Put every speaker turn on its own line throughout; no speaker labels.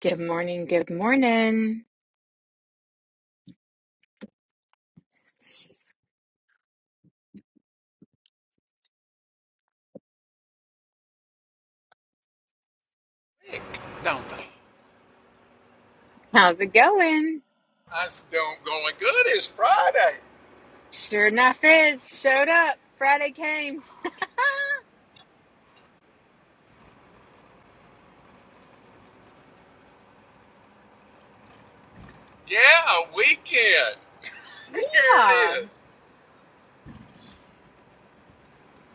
Good morning. Good morning.
sick, don't they?
How's it going?
I said, don't going good. It's Friday.
Sure enough is. Showed up. Friday came.
Yeah, a weekend. Here
Yeehaw.
it is.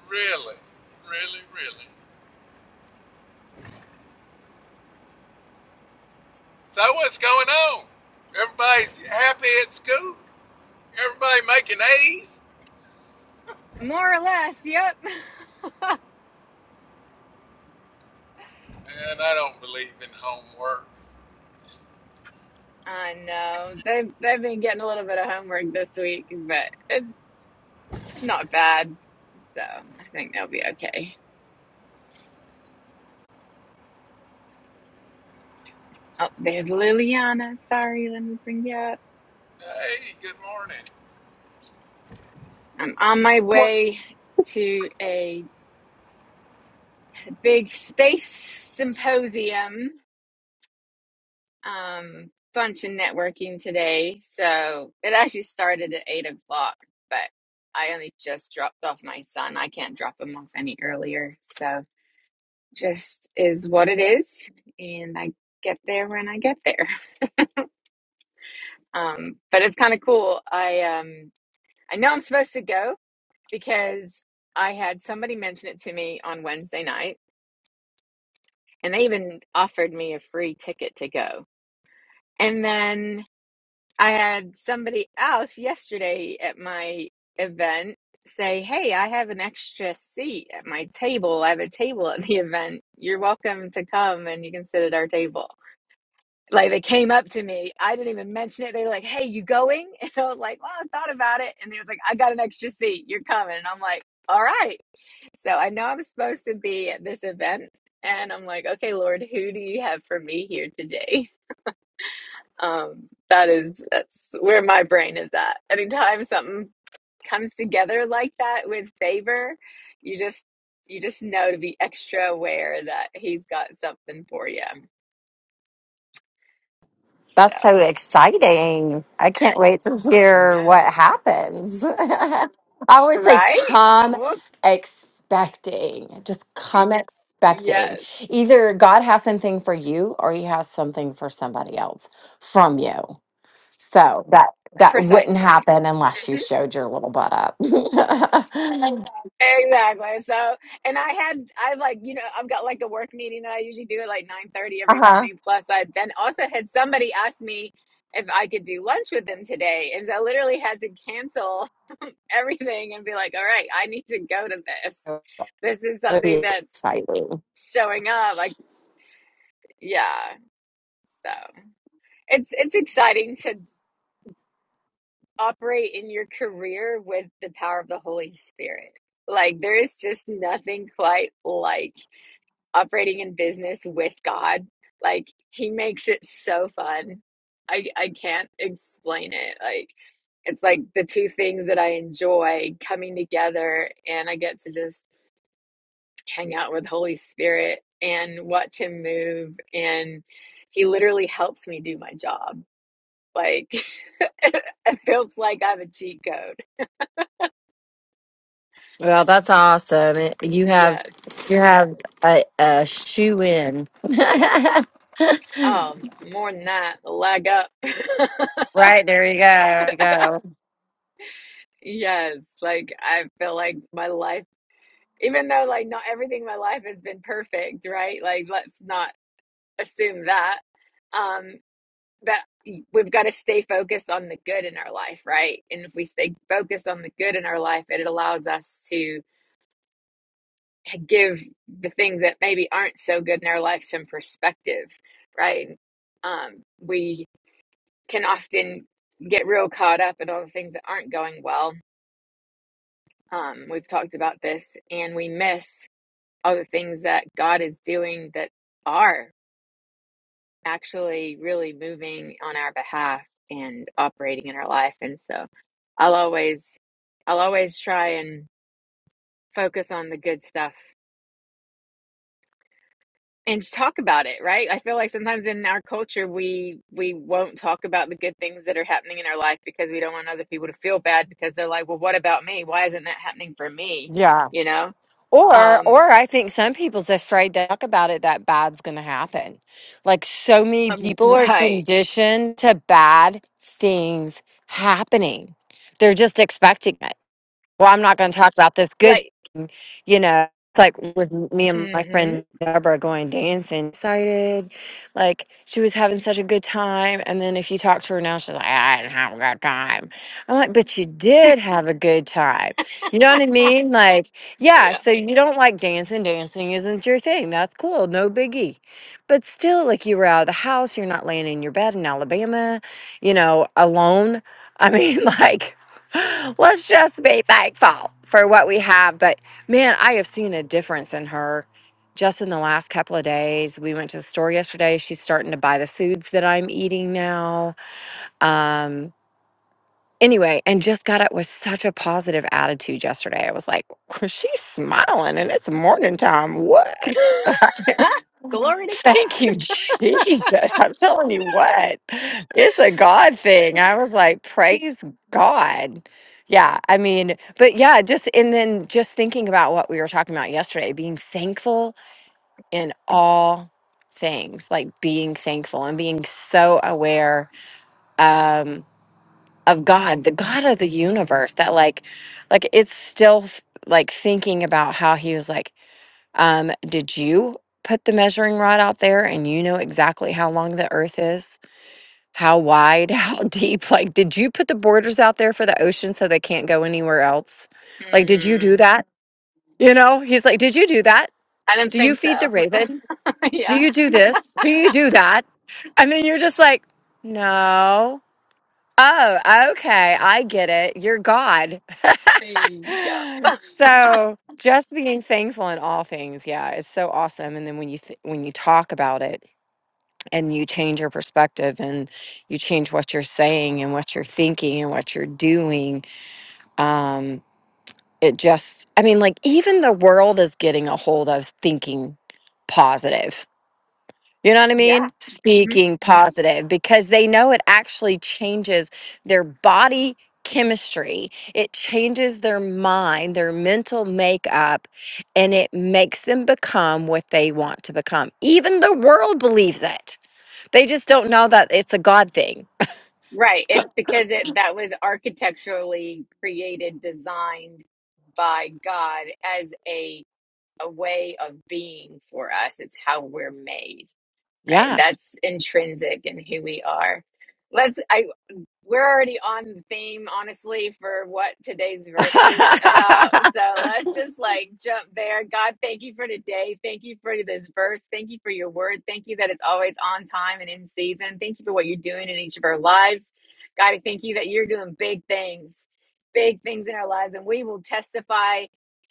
Really, really, really. So what's going on? Everybody's happy at school. Everybody making A's.
More or less. Yep.
And I don't believe in homework.
I know. They've, they've been getting a little bit of homework this week, but it's not bad. So I think they'll be okay. Oh, there's Liliana. Sorry. Let me bring you up.
Hey, good morning.
I'm on my
morning.
way to a big space symposium um bunch of networking today. So it actually started at eight o'clock, but I only just dropped off my son. I can't drop him off any earlier. So just is what it is. And I get there when I get there. Um, but it's kind of cool. I um I know I'm supposed to go because I had somebody mention it to me on Wednesday night and they even offered me a free ticket to go. And then I had somebody else yesterday at my event say, Hey, I have an extra seat at my table. I have a table at the event. You're welcome to come and you can sit at our table. Like they came up to me. I didn't even mention it. They were like, Hey, you going? And I was like, Well, I thought about it. And they was like, I got an extra seat. You're coming. And I'm like, All right. So I know I'm supposed to be at this event. And I'm like, Okay, Lord, who do you have for me here today? Um, that is that's where my brain is at. Anytime something comes together like that with favor, you just you just know to be extra aware that he's got something for you. So
That's so
I
exciting. I can't wait to hear what
know,
happens. I always say,
right?
come
Well,
expecting. Just come expecting.
yes,
Either God has something for you or he has something for somebody else from you. So that that wouldn't
precisely.
happen unless you showed your little butt up.
Exactly. So, and I had, I've like, you know, I've got like a work meeting that I usually do at like 9:30 every
uh-huh.
morning. Plus, I then also had somebody ask me if I could do lunch with them today. And so I literally had to cancel everything and be like, all right, I need to go to this.
That'd
This is
be
something that's
exciting.
showing up. Like, yeah. So it's, it's exciting to operate in your career with the power of the Holy Spirit. Like, there is just nothing quite like operating in business with God. Like he makes it so fun. I I can't explain it. Like it's like the two things that I enjoy coming together and I get to just hang out with Holy Spirit and watch him move and he literally helps me do my job. Like it feels like I have a cheat code.
Well, that's awesome. It- You have
Yes.
you have a, a shoe in.
Um, more than that, leg up.
right there, you go. There you go.
Yes, like I feel like my life. even though like not everything in my life has been perfect, right? Like let's not assume that. Um, but we've got to stay focused on the good in our life, right? And if we stay focused on the good in our life, it allows us to give the things that maybe aren't so good in our life some perspective, right? Um, we can often get real caught up in all the things that aren't going well. Um, we've talked about this, and we miss other things that God is doing that are actually really moving on our behalf and operating in our life. And so I'll always, I'll always try and focus on the good stuff and talk about it, right? I feel like sometimes in our culture, we, we won't talk about the good things that are happening in our life because we don't want other people to feel bad because they're like, well, what about me? Why isn't that happening for me?
Yeah.
You know?
Or
Um,
or I think some people's afraid to talk about it that bad's gonna happen. Like so many
um,
people are
right.
conditioned to bad things happening. They're just expecting it. Well, I'm not gonna talk about this good
Like,
you know, like with me and my
mm-hmm.
friend Deborah going dancing, excited. Like she was having such a good time. And then if you talk to her now, she's like, I didn't have a good time. I'm like, but you did have a good time. You know what I mean? Like, yeah,
yeah.
so you don't like dancing. Dancing isn't your thing. That's cool. No biggie. But still, like you were out of the house, you're not laying in your bed in Alabama, you know, alone. I mean, like, let's just be thankful for what we have. But Man, I have seen a difference in her just in the last couple of days. We went to the store yesterday. She's starting to buy the foods that I'm eating now. Um, anyway, and just got it with such a positive attitude yesterday. I was like, she's smiling and it's morning time. What?
Glory to
Thank
God.
you, Jesus. I'm telling you what, it's a God thing. I was like, praise God. Yeah, I mean, but yeah, just and then just thinking about what we were talking about yesterday, being thankful in all things, like being thankful and being so aware um of God, the God of the universe that like like it's still f- like thinking about how he was like um, did you put the measuring rod out there and you know exactly how long the earth is? How wide, how deep? Like, did you put the borders out there for the ocean so they can't go anywhere else? Like, did you
Hmm.
do that? You know, he's like, Did you do that?
I didn't
Do you
think
feed the
so.
raven? Do
yeah.
you do this? Do you do that? And then you're just like, No. Oh, okay. I get it. You're God.
Yep.
So, just being thankful in all things, yeah, is so awesome. And then when you th- when you talk about it and you change your perspective and you change what you're saying and what you're thinking and what you're doing, um, it just, I mean, like even the world is getting a hold of thinking positive. You know what I mean?
yeah. hmm
Speaking positive because they know it actually changes their body chemistry. It changes their mind, their mental makeup, and it makes them become what they want to become. Even the world believes it. They just don't know that it's a God thing.
Right. It's because it that was architecturally created, designed by God as a a way of being for us. It's how we're made. Right.
Yeah.
That's intrinsic in who we are. Let's. I We're already on theme, honestly, for what today's verse is about. So let's just like jump there. God, thank you for today. Thank you for this verse. Thank you for your word. Thank you that it's always on time and in season. Thank you for what you're doing in each of our lives. God, I thank you that you're doing big things, big things in our lives, and we will testify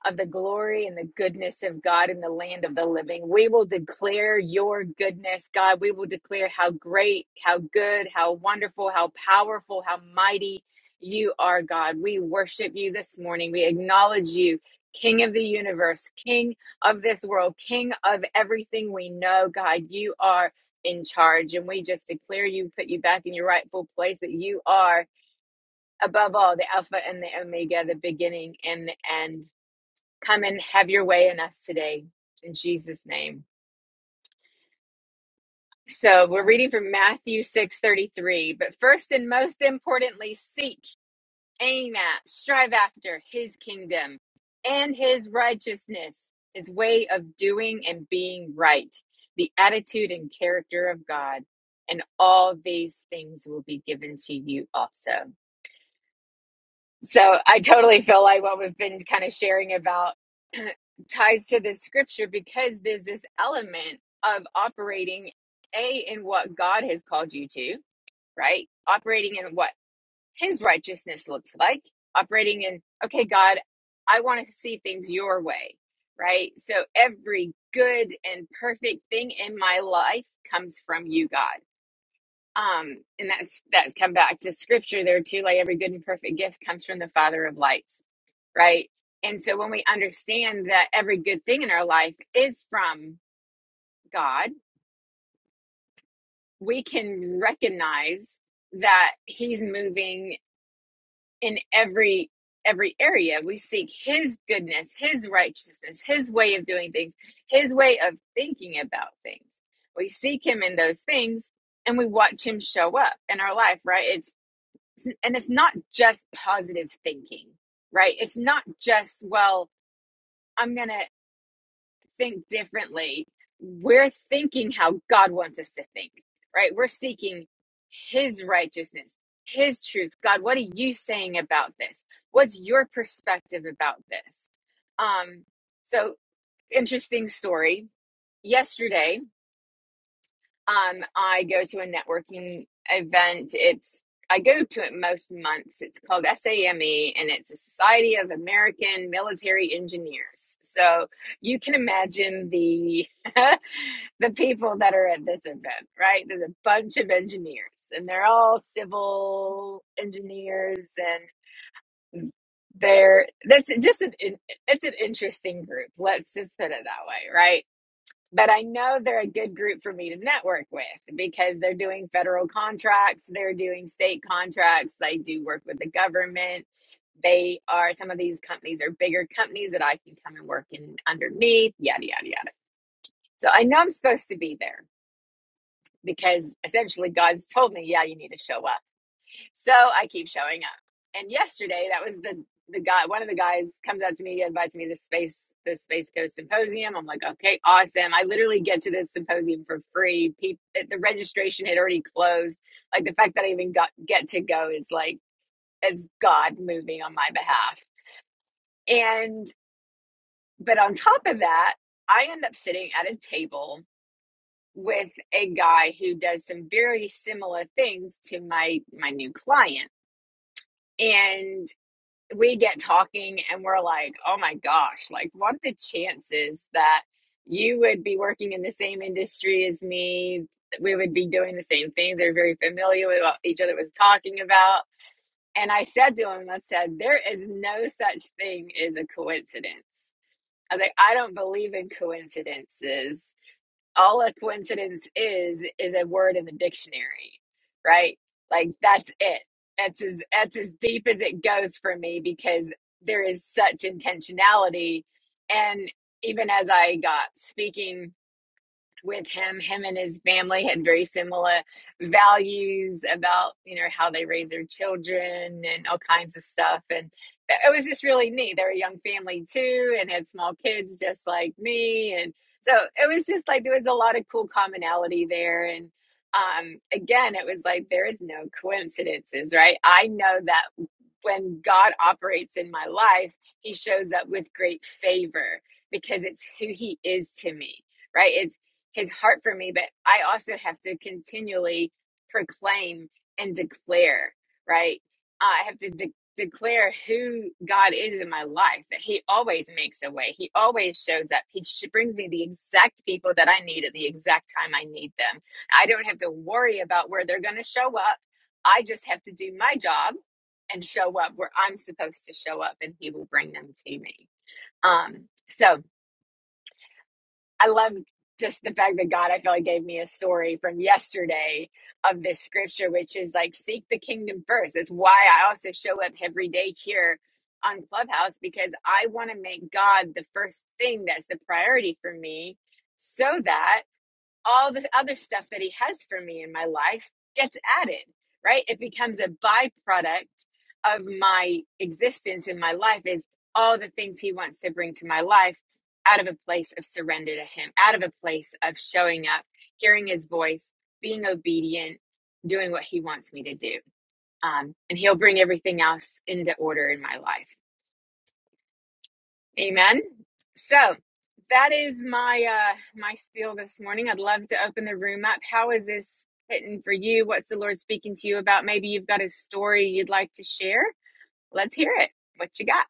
of the glory and the goodness of God in the land of the living. We will declare your goodness, God. We will declare how great, how good, how wonderful, how powerful, how mighty you are, God. We worship you this morning. We acknowledge you, King of the universe, King of this world, King of everything we know, God. You are in charge, and we just declare you, put you back in your rightful place, that you are above all the Alpha and the Omega, the beginning and the end. Come and have your way in us today in Jesus name. So, we're reading from Matthew 6:33, but first and most importantly, seek, aim at, strive after his kingdom and his righteousness, his way of doing and being right, the attitude and character of God, and all these things will be given to you also. So I totally feel like what we've been kind of sharing about ties to this scripture because there's this element of operating a in what God has called you to, right? Operating in what his righteousness looks like, operating in okay, God, I want to see things your way, right? So every good and perfect thing in my life comes from you, God. Um and that's that's come back to scripture there too like every good and perfect gift comes from the father of lights right? And so when we understand that every good thing in our life is from God, we can recognize that he's moving in every every area. We seek his goodness, his righteousness, his way of doing things, his way of thinking about things. We seek him in those things and we watch him show up in our life, right? It's and it's not just positive thinking, right? It's not just well, I'm gonna think differently. We're thinking how God wants us to think, right? We're seeking His righteousness, His truth. God, what are you saying about this? What's your perspective about this? Um, so, interesting story. Yesterday, um, I go to a networking event. It's I go to it most months. It's called SAME and it's a Society of American Military Engineers. So you can imagine the the people that are at this event, right? There's a bunch of engineers and they're all civil engineers and they're that's just an it's an interesting group. Let's just put it that way, right? but I know they're a good group for me to network with because they're doing federal contracts, they're doing state contracts, they do work with the government. They are some of these companies are bigger companies that I can come and work in underneath, yada, yada, yada. So I know I'm supposed to be there because essentially God's told me, yeah, you need to show up. So I keep showing up. And yesterday, that was the the guy. One of the guys comes out to me, invites me to this space the Space Coast Symposium. I'm like, okay, awesome. I literally get to this symposium for free. People, the registration had already closed. Like the fact that I even got get to go is like it's God moving on my behalf. And but on top of that, I end up sitting at a table with a guy who does some very similar things to my my new client and we get talking and we're like, oh my gosh, like what are the chances that you would be working in the same industry as me? We would be doing the same things. They're very familiar with what each other was talking about. And I said to him, I said, there is no such thing as a coincidence. I was like, I don't believe in coincidences all a coincidence is is a word in the dictionary right like that's it that's as that's as deep as it goes for me because there is such intentionality and even as i got speaking with him. Him and his family had very similar values about, you know, how they raise their children and all kinds of stuff. And it was just really neat. They're a young family too and had small kids just like me. And so it was just like there was a lot of cool commonality there. And um, again, it was like there is no coincidences, right? I know that when God operates in my life, he shows up with great favor because it's who he is to me right? It's his heart for me, but I also have to continually proclaim and declare, right? Uh, I have to de- declare who God is in my life, that he always makes a way. He always shows up. He sh- brings me the exact people that I need at the exact time I need them. I don't have to worry about where they're going to show up. I just have to do my job and show up where I'm supposed to show up and he will bring them to me. Um, so I love just the fact that God, I feel like, gave me a story from yesterday of this scripture, which is like, seek the kingdom first. It's why I also show up every day here on Clubhouse because I want to make God the first thing that's the priority for me so that all the other stuff that he has for me in my life gets added, right? It becomes a byproduct of my existence in my life is all the things he wants to bring to my life out of a place of surrender to him, out of a place of showing up, hearing his voice, being obedient, doing what he wants me to do. Um, and he'll bring everything else into order in my life. Amen. So that is my uh my spiel this morning. I'd love to open the room up. How is this hitting for you? What's the Lord speaking to you about? Maybe you've got a story you'd like to share. Let's hear it. What you got?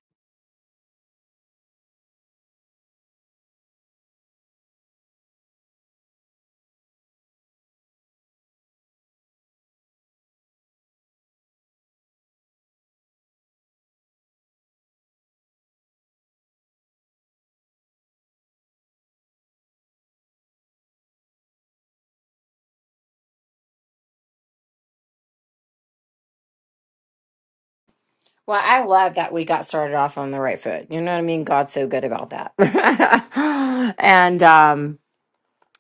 Well, I love that we got started off on the right foot. You know what I mean? God's so good about that. and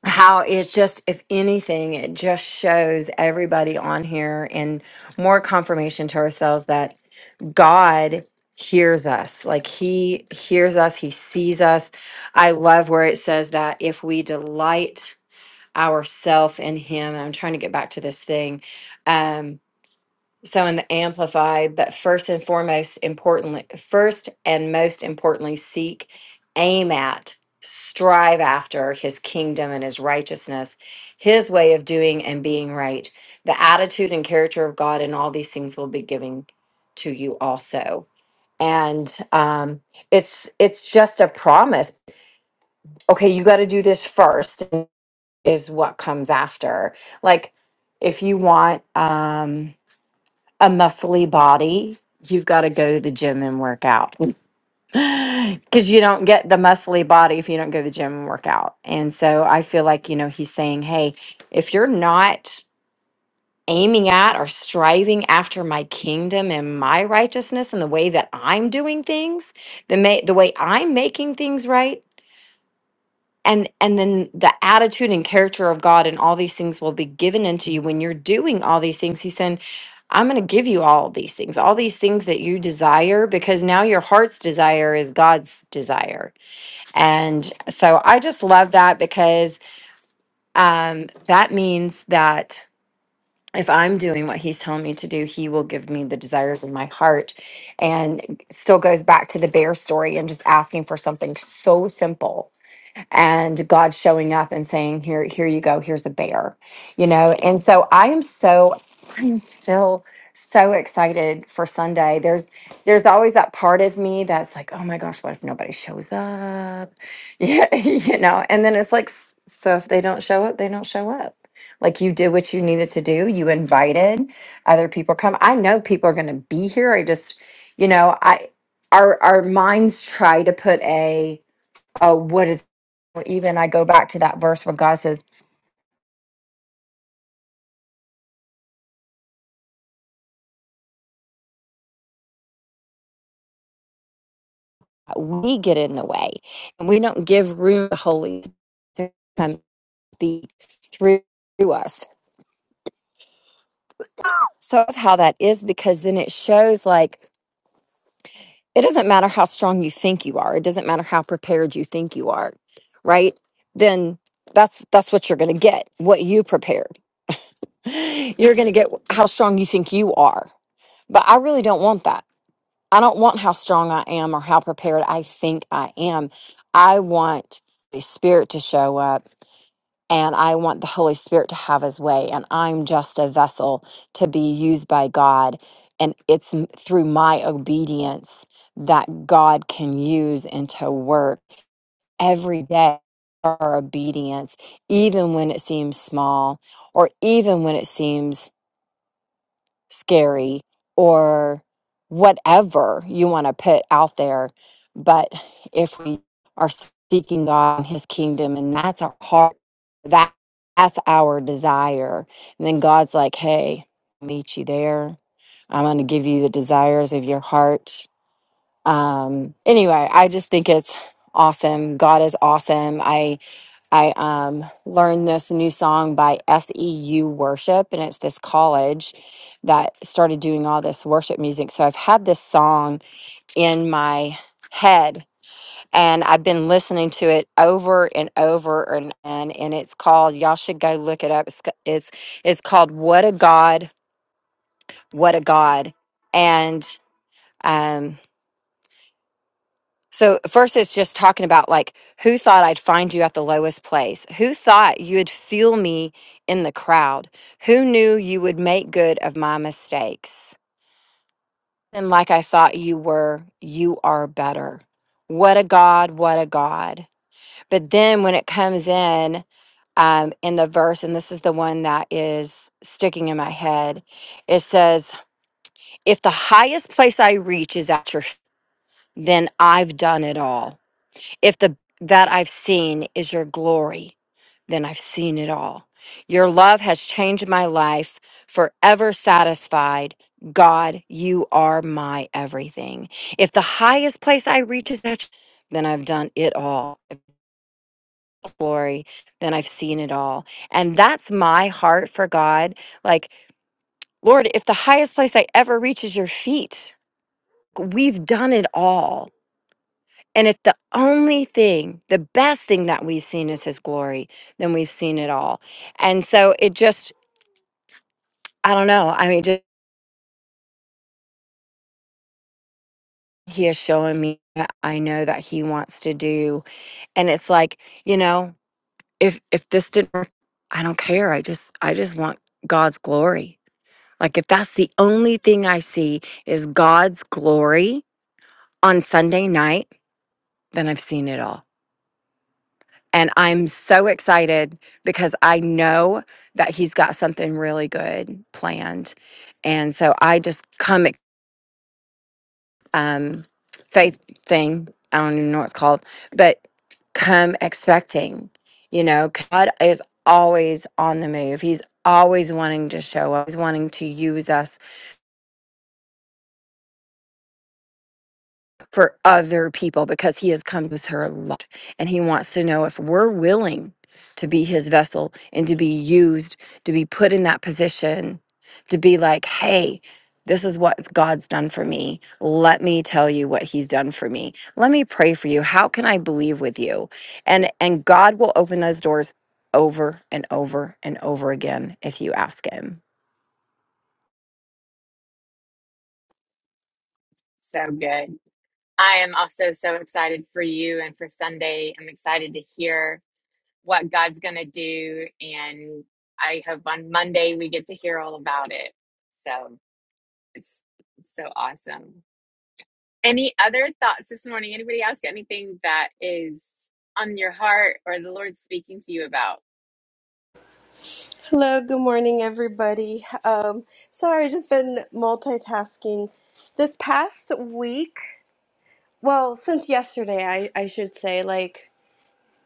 how it's just if anything it just shows everybody on here and more confirmation to ourselves that god hears us like he hears us he sees us i love where it says that if we delight ourself in him and i'm trying to get back to this thing um, so in the amplify, but first and foremost, importantly, first and most importantly, seek, aim at, strive after his kingdom and his righteousness, his way of doing and being right. The attitude and character of God and all these things will be given to you also. And um, it's it's just a promise. Okay, you got to do this first is what comes after. Like if you want um a muscly body, you've got to go to the gym and work out because you don't get the muscly body if you don't go to the gym and work out. And so I feel like, you know, he's saying, hey, if you're not aiming at or striving after my kingdom and my righteousness and the way that I'm doing things, the, ma- the way I'm making things right, and and then the attitude and character of god and all these things will be given unto you when you're doing all these things He said, i'm going to give you all these things all these things that you desire because now your heart's desire is god's desire and so i just love that because um that means that if i'm doing what he's telling me to do he will give me the desires of my heart and still goes back to the bear story and just asking for something so simple and God showing up and saying, "Here, here you go. Here's a bear," you know. And so I am so, I'm still so excited for Sunday. There's, there's always that part of me that's like, "Oh my gosh, what if nobody shows up?" Yeah, you know. And then it's like, s- so if they don't show up, they don't show up. Like you did what you needed to do. You invited other people come. I know people are going to be here. I just, you know, I our our minds try to put a oh, what is or even I go back to that verse where God says, We get in the way and we don't give room to the Holy Spirit to come speak through us. So, of how that is, because then it shows like it doesn't matter how strong you think you are, it doesn't matter how prepared you think you are, right? Then that's that's what you're going to get what you prepared you're going to get how strong you think you are but i really don't want that I don't want how strong I am or how prepared I think I am. I want the Spirit to show up and I want the Holy Spirit to have his way. And I'm just a vessel to be used by God. And it's m- through my obedience that God can use and to work every day. Our obedience, even when it seems small or even when it seems scary or whatever you want to put out there. But if we are seeking God and His kingdom, and that's our heart, that that's our desire, and then God's like, "Hey, I'll meet you there. I'm going to give you the desires of your heart." Um, anyway, I just think it's awesome. God is awesome. I I um, learned this new song by SEU Worship, and it's this college that started doing all this worship music. So I've had this song in my head, and I've been listening to it over and over and and, and it's called. Y'all should go look it up. It's c- it's it's called "What a God, What a God," and. um, So first it's just talking about like who thought I'd find you at the lowest place? Who thought you'd feel me in the crowd? Who knew you would make good of my mistakes? And like I thought you were, you are better. What a God, what a God. But then when it comes in um, in the verse, and this is the one that is sticking in my head, it says, If the highest place I reach is at your, f- then I've done it all. if the that I've seen is your glory, then I've seen it all. Your love has changed my life, forever satisfied. God, you are my everything. If the highest place I reach is that, then I've done it all. Glory, then I've seen it all. And that's my heart for God. Like, Lord, if the highest place I ever reach is your feet, we've done it all And if the only thing, the best thing that we've seen is his glory, then we've seen it all. And so it just, I don't know. I mean, just he is showing me that I know that he wants to do. And it's like, you know, if if this didn't work, I don't care. I just I just want God's glory. Like if that's the only thing I see is God's glory on Sunday night, then I've seen it all. And I'm so excited because I know that he's got something really good planned. And so I just come, ex- um, faith thing, I don't even know what it's called, but come expecting, you know, God is always on the move. He's always wanting to show up, he's wanting to use us for other people because he has come with her a lot and he wants to know if we're willing to be his vessel and to be used to be put in that position to be like hey this is what god's done for me let me tell you what he's done for me let me pray for you how can i believe with you and and god will open those doors over and over and over again if you ask him
So good. I am also so excited for you and for Sunday. I'm excited to hear what God's going to do and I hope on Monday we get to hear all about it. So it's so awesome. Any other thoughts this morning? Anybody else got anything that is on your heart or the Lord speaking to you about?
Hello, good morning, everybody. Um, sorry, just been multitasking. This past week, well, since yesterday, I, I should say, like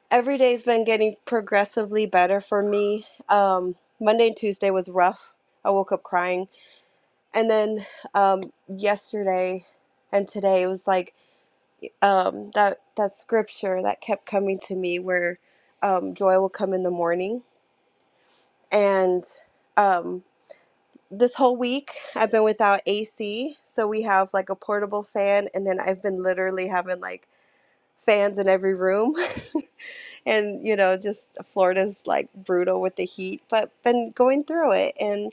every day's been getting progressively better for me. Um, Monday and Tuesday was rough. I woke up crying. And then um, yesterday and today, it was like um, that, that scripture that kept coming to me where um, joy will come in the morning. And um, this whole week I've been without AC, so we have like a portable fan, and then I've been literally having like fans in every room. And you know, just Florida's like brutal with the heat, but been going through it, and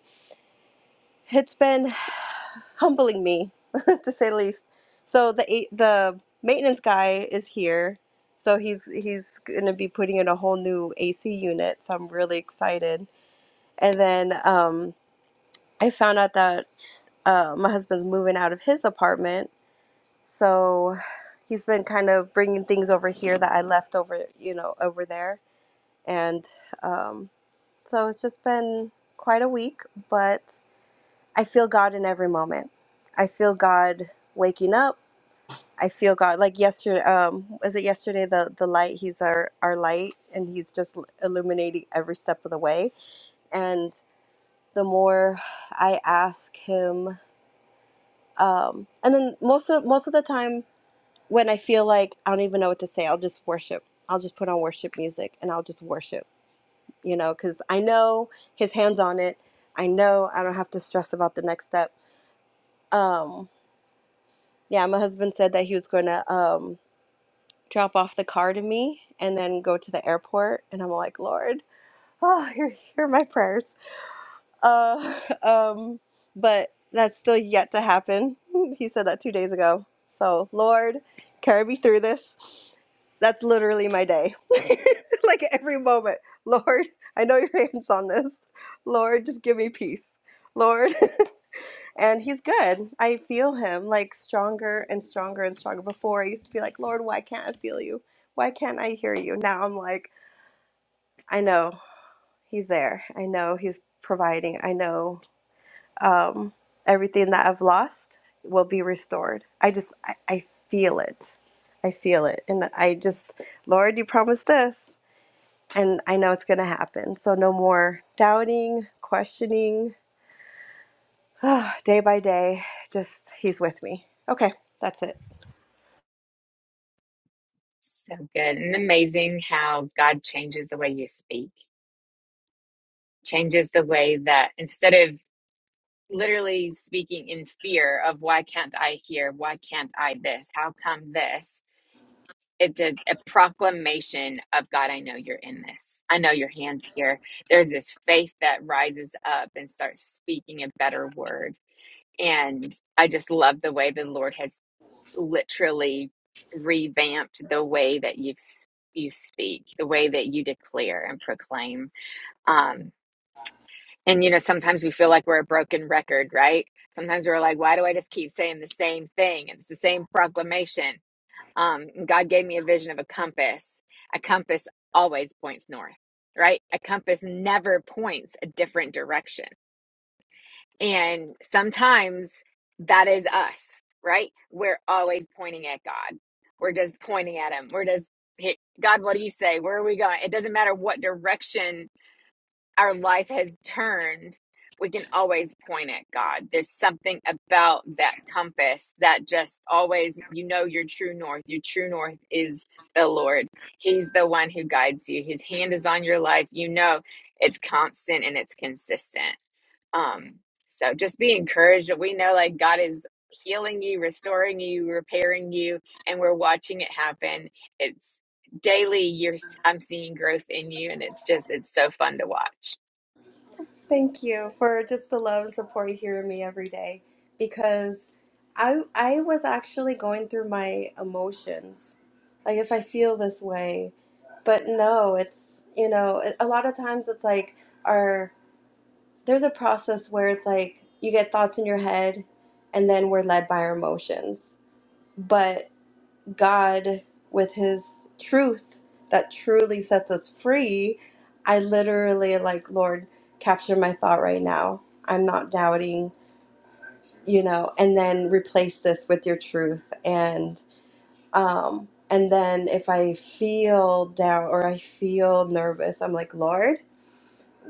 it's been humbling me, to say the least. So the a- the maintenance guy is here, so he's he's gonna be putting in a whole new AC unit. So I'm really excited. And then um, I found out that. uh, my husband's moving out of his apartment, so he's been kind of bringing things over here that I left over, you know, over there, and um, so it's just been quite a week. But I feel God in every moment. I feel God waking up. I feel God like yesterday. Um, was it yesterday? The the light. He's our our light, and he's just illuminating every step of the way. And the more I ask him, um, and then most of most of the time when I feel like I don't even know what to say, I'll just worship. I'll just put on worship music and I'll just worship, you know, because I know his hands on it. I know I don't have to stress about the next step. Um, yeah, my husband said that he was going to um, drop off the car to me and then go to the airport. And I'm like, Lord, oh, hear, hear my prayers. Uh, um, but that's still yet to happen. He said that two days ago. So, Lord, carry me through this. That's literally my day. like every moment. Lord, I know your hands on this. Lord, just give me peace. Lord. and he's good. I feel him like stronger and stronger and stronger. Before I used to be like, Lord, why can't I feel you? Why can't I hear you? Now I'm like, I know he's there. I know he's providing. I know um, everything that I've lost will be restored. I just, I, I feel it. I feel it. And I just, Lord, you promised this, and I know it's going to happen. So no more doubting, questioning. day by day, just He's with me. Okay, that's it.
So good and amazing how God changes the way you speak, changes the way that instead of literally speaking in fear of why can't I hear, why can't I this, how come this, it's a, a proclamation of God, I know you're in this. I know your hands here. There's this faith that rises up and starts speaking a better word And I just love the way the Lord has literally revamped the way that you you speak, the way that you declare and proclaim. Um, and you know, sometimes we feel like we're a broken record, right? Sometimes we're like, why do I just keep saying the same thing? It's the same proclamation. Um, God gave me a vision of a compass. A compass always points north, right? A compass never points a different direction and sometimes that is us, right? We're always pointing at God. We're just pointing at Him. We're just, hey, God, what do you say? Where are we going? It doesn't matter what direction our life has turned, we can always point at God. There's something about that compass that just always, you know, your true north. Your true north is the Lord. He's the one who guides you. His hand is on your life. You know, it's constant and it's consistent. Um, so just be encouraged that we know like God is healing you, restoring you, repairing you, and we're watching it happen. It's daily. You're i I'm seeing growth in you, and it's just it's so fun to watch.
Thank you for just the love and support you hear in me every day because I I was actually going through my emotions. Like if I feel this way. But no, it's you know, a a lot of times it's like our there's a process where it's like you get thoughts in your head and then we're led by our emotions. But God with his truth that truly sets us free, I literally like, Lord, capture my thought right now. I'm not doubting, you know, and then replace this with your truth and um and then if I feel down or I feel nervous, I'm like, Lord,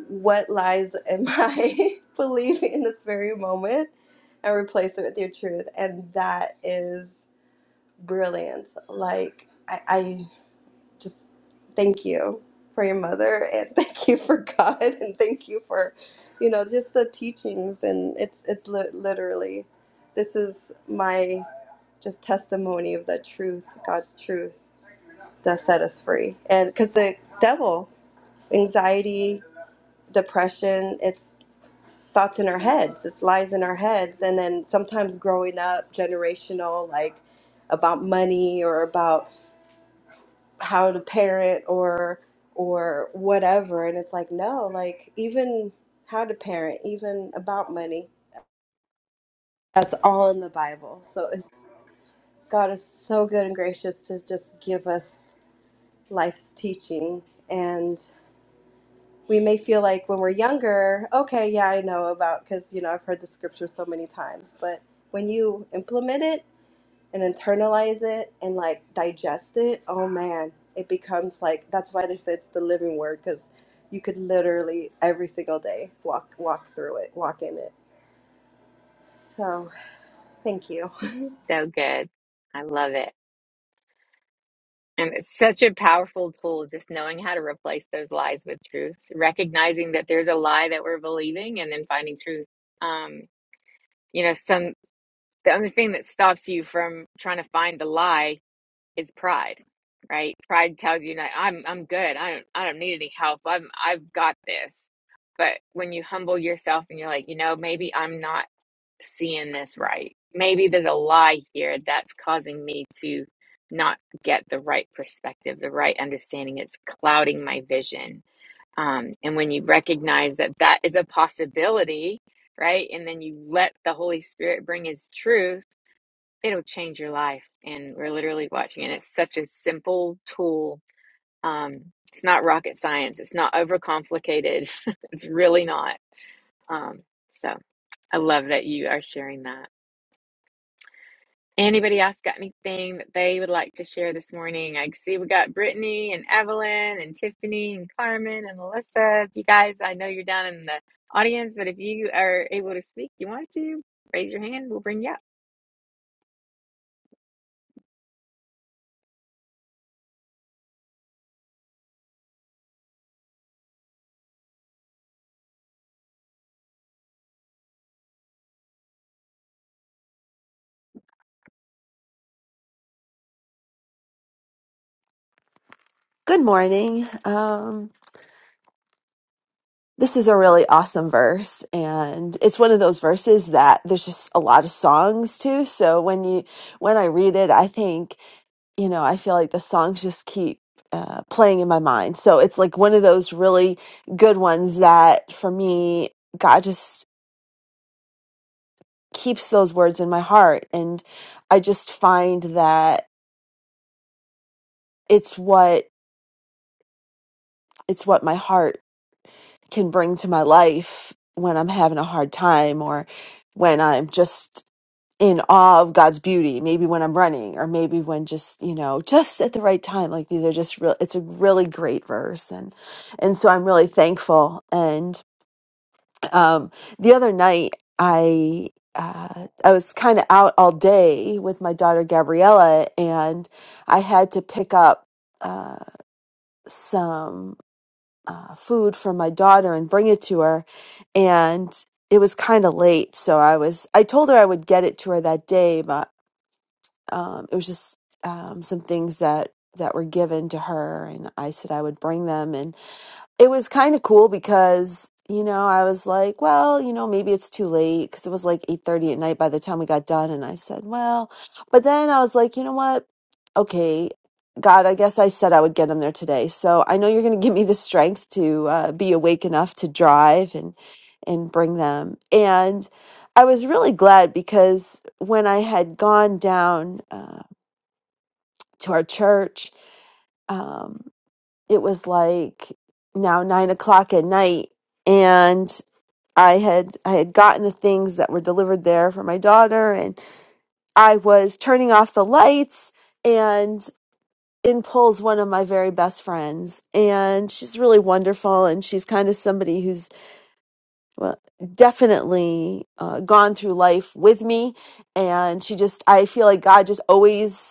what lies am I believing in this very moment? And replace it with your truth. And that is brilliant. Like I, just thank you for your mother and thank you for God and thank you for you know just the teachings and it's it's li- literally this is my just testimony of the truth God's truth does set us free and cuz the devil anxiety depression it's thoughts in our heads it's lies in our heads and then sometimes growing up generational like about money or about how to parent or or whatever and it's like no like even how to parent even about money that's all in the bible so it's god is so good and gracious to just give us life's teaching and we may feel like when we're younger okay yeah i know about because you know i've heard the scripture so many times but when you implement it and internalize it and like digest it, oh man, it becomes like that's why they say it's the living word because you could literally every single day walk walk through it, walk in it. So thank you.
So good. I love it. And it's such a powerful tool, just knowing how to replace those lies with truth, recognizing that there's a lie that we're believing and then finding truth. Um, you know, some the only thing that stops you from trying to find the lie is pride, right? Pride tells you that I'm I'm good. I don't I don't need any help. I'm I've got this. But when you humble yourself and you're like, you know, maybe I'm not seeing this right. Maybe there's a lie here that's causing me to not get the right perspective, the right understanding. It's clouding my vision. Um, and when you recognize that that is a possibility, right? And then you let the Holy Spirit bring His truth, it'll change your life. And we're literally watching it. It's such a simple tool. Um, it's not rocket science. It's not overcomplicated. it's really not. Um, so I love that you are sharing that. Anybody else got anything that they would like to share this morning? I see we got Brittany and Evelyn and Tiffany and Carmen and Melissa. If you guys, I know you're down in the audience, but if you are able to speak, you want to raise your hand, we'll bring you up.
Good morning. Um, this is a really awesome verse, and it's one of those verses that there's just a lot of songs to. So when you when I read it, I think you know I feel like the songs just keep uh, playing in my mind. So it's like one of those really good ones that for me, God just keeps those words in my heart, and I just find that it's what it's what my heart can bring to my life when I'm having a hard time or when I'm just in awe of God's beauty, maybe when I'm running or maybe when just, you know, just at the right time. Like these are just real it's a really great verse and and so I'm really thankful. And um the other night I uh, I was kind of out all day with my daughter Gabriella, and I had to pick up uh, some uh, food for my daughter and bring it to her. And it was kind of late, so I was I told her I would get it to her that day, but um, it was just um, some things that that were given to her, and I said I would bring them. and it was kind of cool because you know i was like well you know maybe it's too late because it was like 8.30 at night by the time we got done and i said well but then i was like you know what okay god i guess i said i would get him there today so i know you're going to give me the strength to uh, be awake enough to drive and and bring them and i was really glad because when i had gone down uh, to our church um, it was like now nine o'clock at night and i had i had gotten the things that were delivered there for my daughter and i was turning off the lights and in pulls one of my very best friends and she's really wonderful and she's kind of somebody who's well, definitely uh, gone through life with me and she just i feel like god just always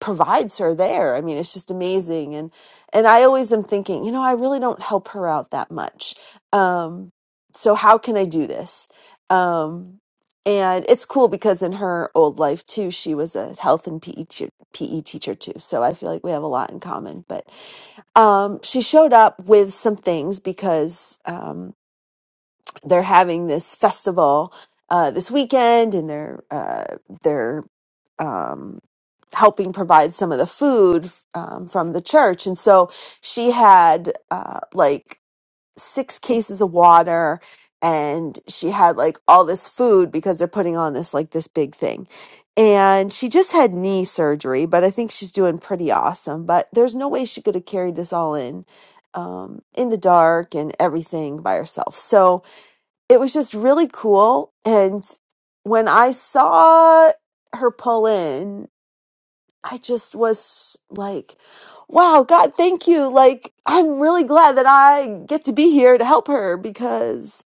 provides her there. I mean, it's just amazing. And and I always am thinking, you know, I really don't help her out that much. Um, so how can I do this? Um, and it's cool because in her old life too, she was a health and PE teacher, PE teacher too. So I feel like we have a lot in common. But um, she showed up with some things because um, they're having this festival uh, this weekend, and they're uh, they're um, helping provide some of the food um, from the church. And so she had uh, like six cases of water and she had like all this food because they're putting on this like this big thing. And she just had knee surgery, but I think she's doing pretty awesome. But there's no way she could have carried this all in um, in the dark and everything by herself. So it was just really cool. And when I saw her pull in I just was like, wow, God, thank you. Like, I'm really glad that I get to be here to help her because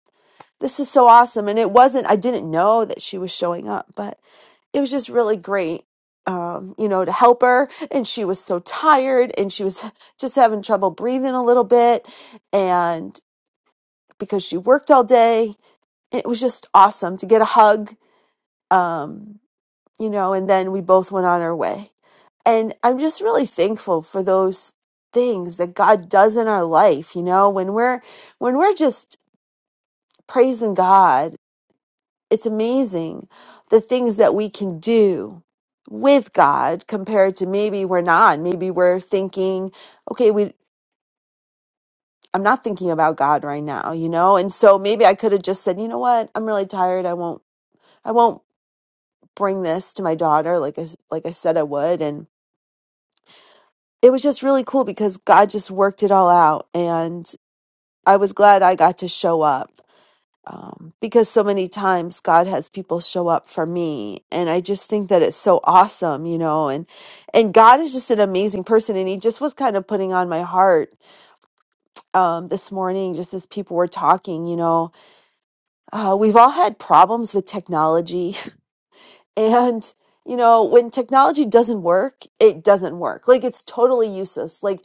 this is so awesome. And it wasn't, I didn't know that she was showing up, but it was just really great, um, you know, to help her. And she was so tired and she was just having trouble breathing a little bit. And because she worked all day, it was just awesome to get a hug. Um, you know, and then we both went on our way. And I'm just really thankful for those things that God does in our life, you know, when we're when we're just praising God, it's amazing the things that we can do with God compared to maybe we're not. Maybe we're thinking, okay, we I'm not thinking about God right now, you know? And so maybe I could have just said, you know what? I'm really tired. I won't I won't bring this to my daughter like I s- like I said I would and it was just really cool because God just worked it all out. And I was glad I got to show up um, because so many times God has people show up for me. And I just think that it's so awesome, you know, and, and God is just an amazing person. And he just was kind of putting on my heart um, this morning, just as people were talking, you know, uh, we've all had problems with technology and, you know, when technology doesn't work, it doesn't work. Like it's totally useless. Like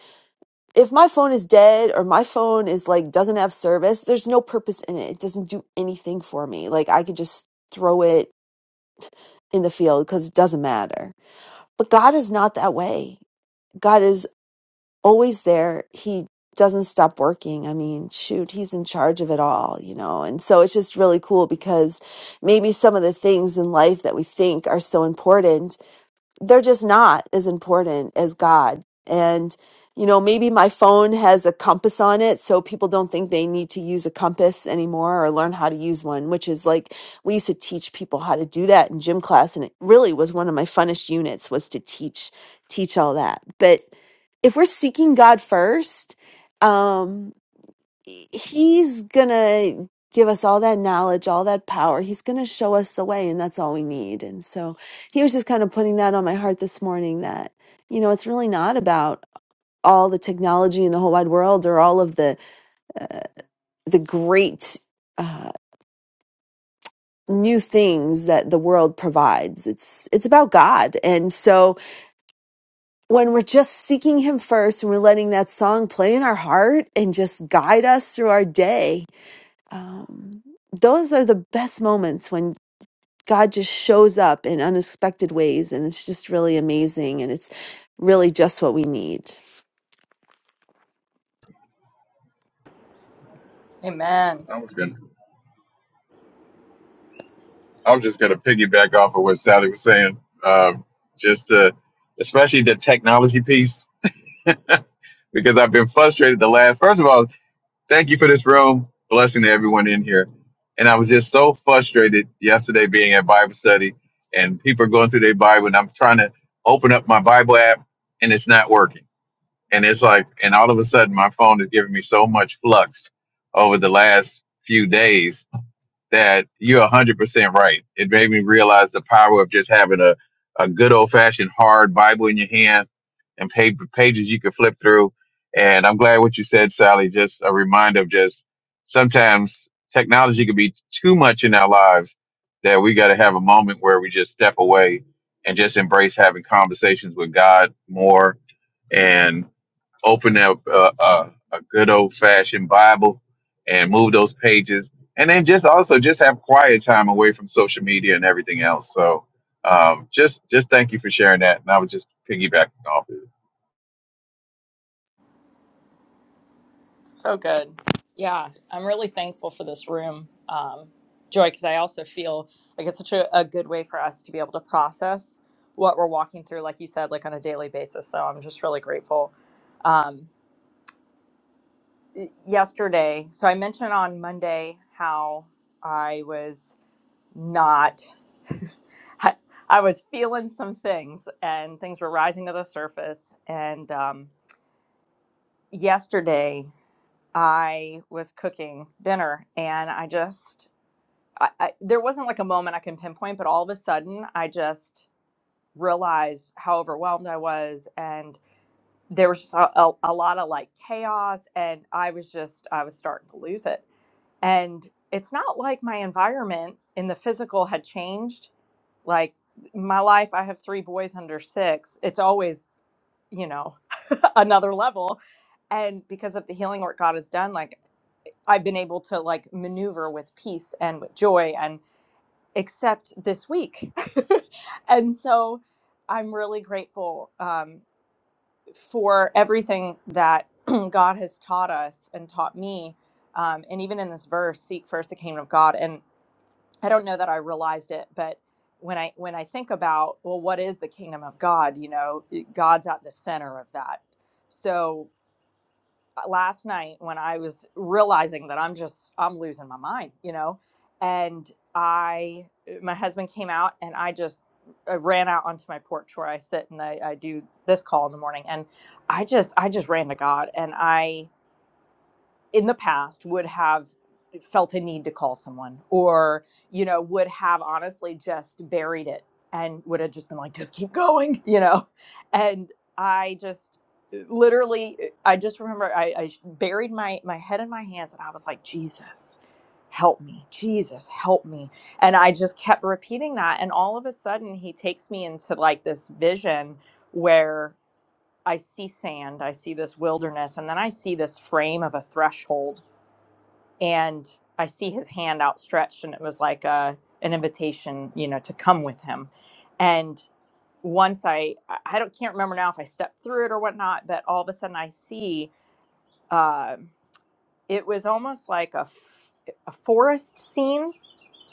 if my phone is dead or my phone is like doesn't have service, there's no purpose in it. It doesn't do anything for me. Like I could just throw it in the field because it doesn't matter. But God is not that way. God is always there. He doesn't stop working. I mean, shoot, he's in charge of it all, you know. And so it's just really cool because maybe some of the things in life that we think are so important they're just not as important as God. And, you know, maybe my phone has a compass on it, so people don't think they need to use a compass anymore or learn how to use one, which is like we used to teach people how to do that in gym class. And it really was one of my funnest units was to teach, teach all that. But if we're seeking God first, um, he's gonna give us all that knowledge, all that power. He's gonna show us the way, and that's all we need. And so he was just kind of putting that on my heart this morning that, you know, it's really not about all the technology in the whole wide world or all of the the great uh new things that the world provides it's it's about god and so when we're just seeking him first and we're letting that song play in our heart and just guide us through our day um, those are the best moments when God just shows up in unexpected ways, and it's just really amazing, and it's really just what we need.
Amen.
I was gonna, I was just gonna piggyback off of what Sally was saying, um, just to, especially the technology piece, because I've been frustrated the last. First of all, thank you for this room, blessing to everyone in here, and I was just so frustrated yesterday being at Bible study, and people are going through their Bible, and I'm trying to open up my Bible app, and it's not working, and it's like, and all of a sudden my phone is giving me so much flux over the last few days that you're 100% right. It made me realize the power of just having a, a good old fashioned hard Bible in your hand and paper pages you could flip through. And I'm glad what you said, Sally, just a reminder of just sometimes technology could be too much in our lives that we got to have a moment where we just step away and just embrace having conversations with God more and open up a, a, a good old fashioned Bible and move those pages and then just also just have quiet time away from social media and everything else. So um, just just thank you for sharing that, and I was just piggybacking off. it.
So good. Yeah, I'm really thankful for this room, um, Joy, because I also feel like it's such a, a good way for us to be able to process what we're walking through, like you said, like on a daily basis. So I'm just really grateful. Um, yesterday, so I mentioned on Monday how I was not, I, I was feeling some things and things were rising to the surface. And um, yesterday, I was cooking dinner and I just, I, I, there wasn't like a moment I can pinpoint, but all of a sudden I just realized how overwhelmed I was. And there was just a, a, a lot of like chaos. And I was just, I was starting to lose it. And it's not like my environment in the physical had changed. Like my life, I have three boys under six. It's always, you know, another level and because of the healing work God has done, like I've been able to like maneuver with peace and with joy and accept this week. and so I'm really grateful um, for everything that God has taught us and taught me. Um, and even in this verse, seek first the kingdom of God. And I don't know that I realized it, but when I when I think about well, what is the kingdom of God? You know, God's at the center of that. So last night when I was realizing that I'm just I'm losing my mind, you know, and I my husband came out and I just I ran out onto my porch where I sit and I, I do this call in the morning and I just I just ran to God and I in the past would have felt a need to call someone or you know would have honestly just buried it and would have just been like just keep going you know and i just eh, literally eh, i just remember i, I buried my my head in my hands and i was like jesus help me jesus help me and i just kept repeating that and all of a sudden he takes me into like this vision where i see sand i see this wilderness and then i see this frame of a threshold and I see his hand outstretched, and it was like a an invitation, you know, to come with him. And once I, I don't can't remember now if I stepped through it or whatnot, but all of a sudden I see uh, it was almost like a f- a forest scene,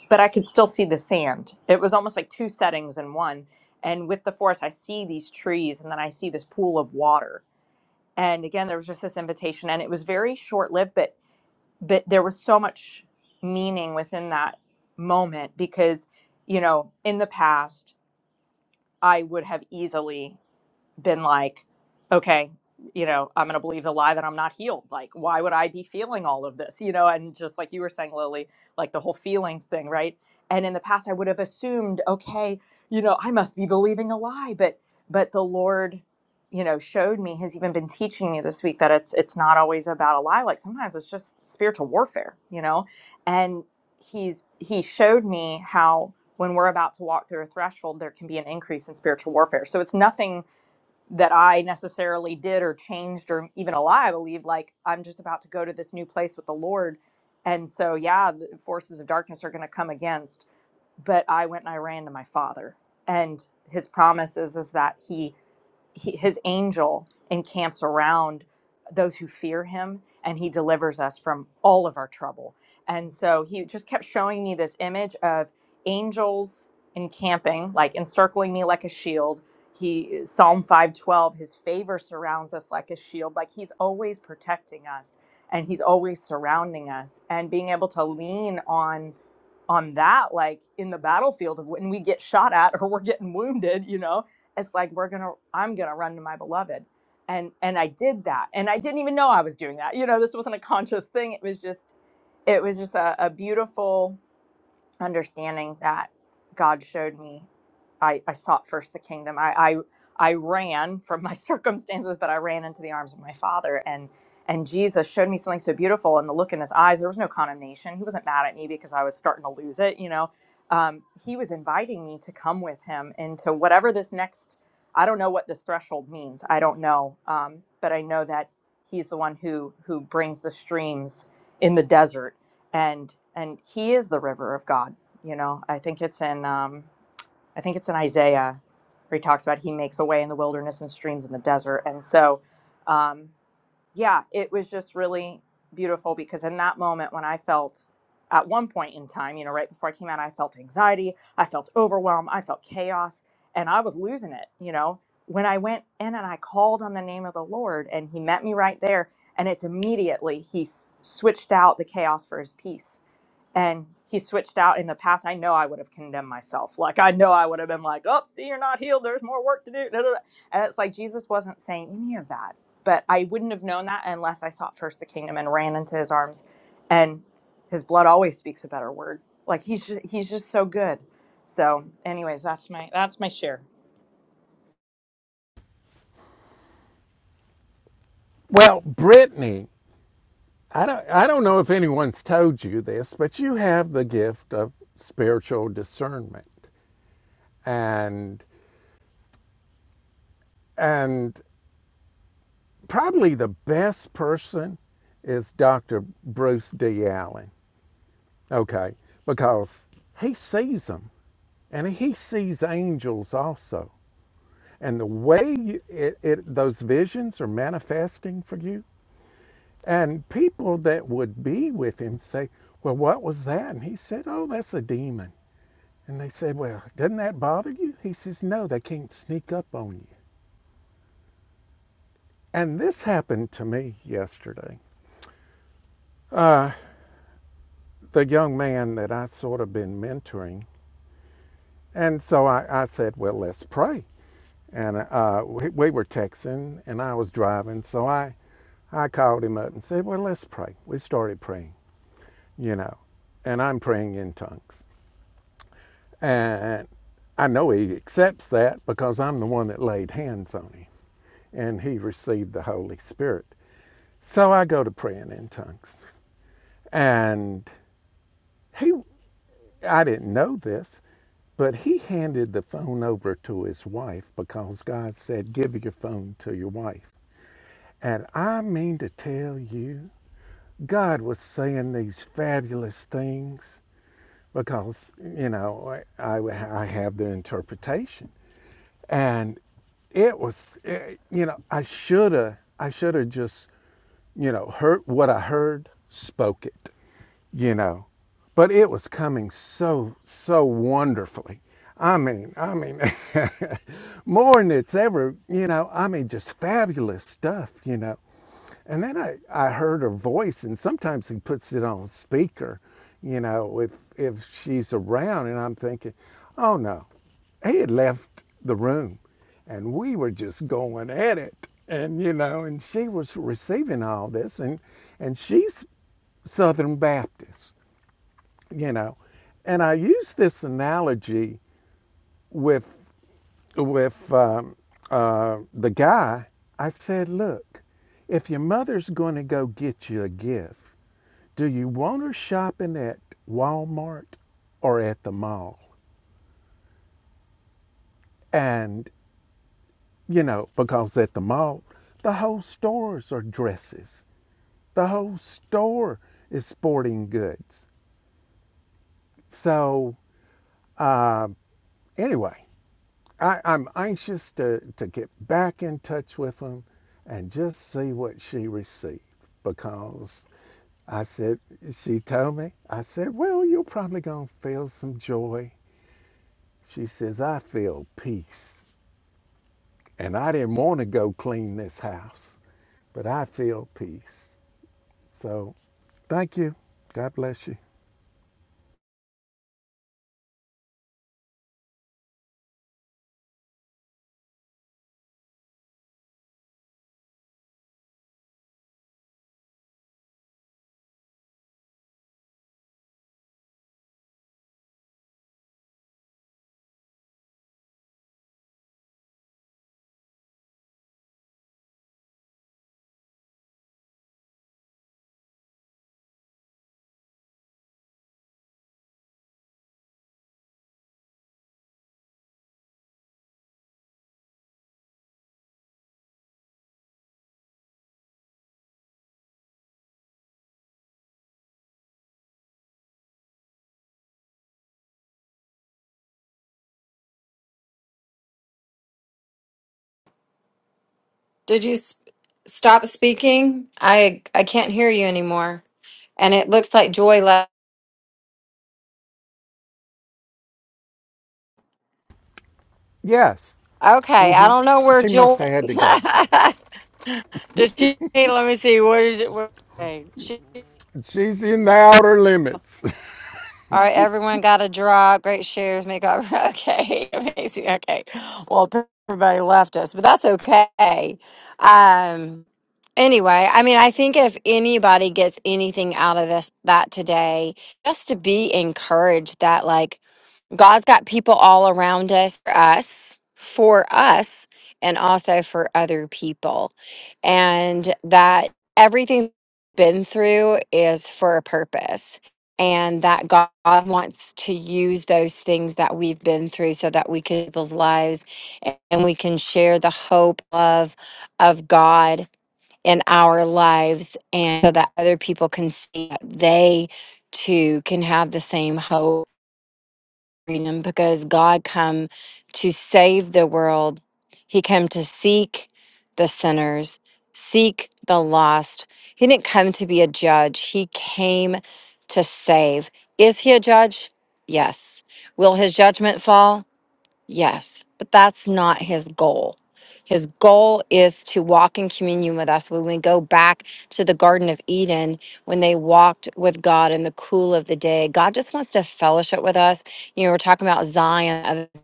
but I could still see the sand. It was almost like two settings in one. And with the forest, I see these trees, and then I see this pool of water. And again, there was just this invitation, and it was very short lived. but but there was so much meaning within that moment because you know in the past i would have easily been like, okay, you know, I'm going to believe the lie that I'm not healed. Like, why would I be feeling all of this? You know, and just like you were saying, Lily, like the whole feelings thing, right? And in the past, I would have assumed, okay, you know, I must be believing a lie, but but the Lord, you know, showed me. Has even been teaching me this week that it's it's not always about a lie. Like sometimes it's just spiritual warfare, you know, and he's he showed me how when we're about to walk through a threshold there can be an increase in spiritual warfare so it's nothing that I necessarily did or changed or even a lie I believed. Like I'm just about to go to this new place with the Lord, and so yeah, the forces of darkness are going to come against. But I went and I ran to my Father, and His promises is is that He he, his angel encamps around those who fear him and he delivers us from all of our trouble. And so he just kept showing me this image of angels encamping, like encircling me like a shield. He Psalm 512, his favor surrounds us like a shield, like he's always protecting us and he's always surrounding us and being able to lean on on that like in the battlefield of when we get shot at or we're getting wounded, you know, it's like we're gonna i'm gonna run to my beloved and and i did that and i didn't even know i was doing that you know this wasn't a conscious thing it was just it was just a, a beautiful understanding that God showed me I, I sought first the kingdom. I, I I ran from my circumstances, but I ran into the arms of my father and and Jesus showed me something so beautiful and the look in his eyes, there was no condemnation. He wasn't mad at me because I was starting to lose it, you know. Um, he was inviting me to come with him into whatever this next I don't know what this threshold means. I don't know. Um, but I know that he's the one who who brings the streams in the desert and and he is the river of god you know i think it's in um i think it's in isaiah where he talks about he makes a way in the wilderness and streams in the desert and so um yeah it was just really beautiful because in that moment when i felt at one point in time you know right before i came out i felt anxiety i felt overwhelm, i felt chaos and i was losing it you know when i went in and i called on the name of the lord and he met me right there and it's immediately he s- switched out the chaos for his peace and he switched out in the past, I know I would have condemned myself. Like I know I would have been like, "Oh, see, you're not healed. There's more work to do." da, da, da. And it's like Jesus wasn't saying any of that. But I wouldn't have known that unless I sought first the kingdom and ran into His arms. And His blood always speaks a better word. Like He's just, He's just so good. So, anyways, that's my that's my share.
Well, Brittany, I don't, I don't know if anyone's told you this, but
Did you sp- stop speaking? I I can't hear you anymore. And it looks like Joy left. Okay, I don't know where Joy. Does she? Let me see. What is it? Where, okay, she. All right, everyone got a drop. Great shares. Make up. Okay, amazing. Okay, well, everybody left us, but that's okay. Um. Anyway, I mean, I think if anybody gets anything out of this that today, just to be encouraged that like God's got people all around us, us, for us, and also for other people. And that everything been through is for a purpose. And that God wants to use those things that we've been through so that we can people's lives a- and we can share the hope of of God in our lives and so that other people can see that they too can have the same hope freedom because God come to save the world. He came to seek the sinners, seek the lost. He didn't come to be a judge. He came to save. Is he a judge? Yes. Will his judgment fall? Yes, but that's not his goal. His goal is to walk in communion with us. When we go back to the Garden of Eden, when they walked with God in the cool of the day, God just wants to fellowship with us. You know, we're talking about Zion of the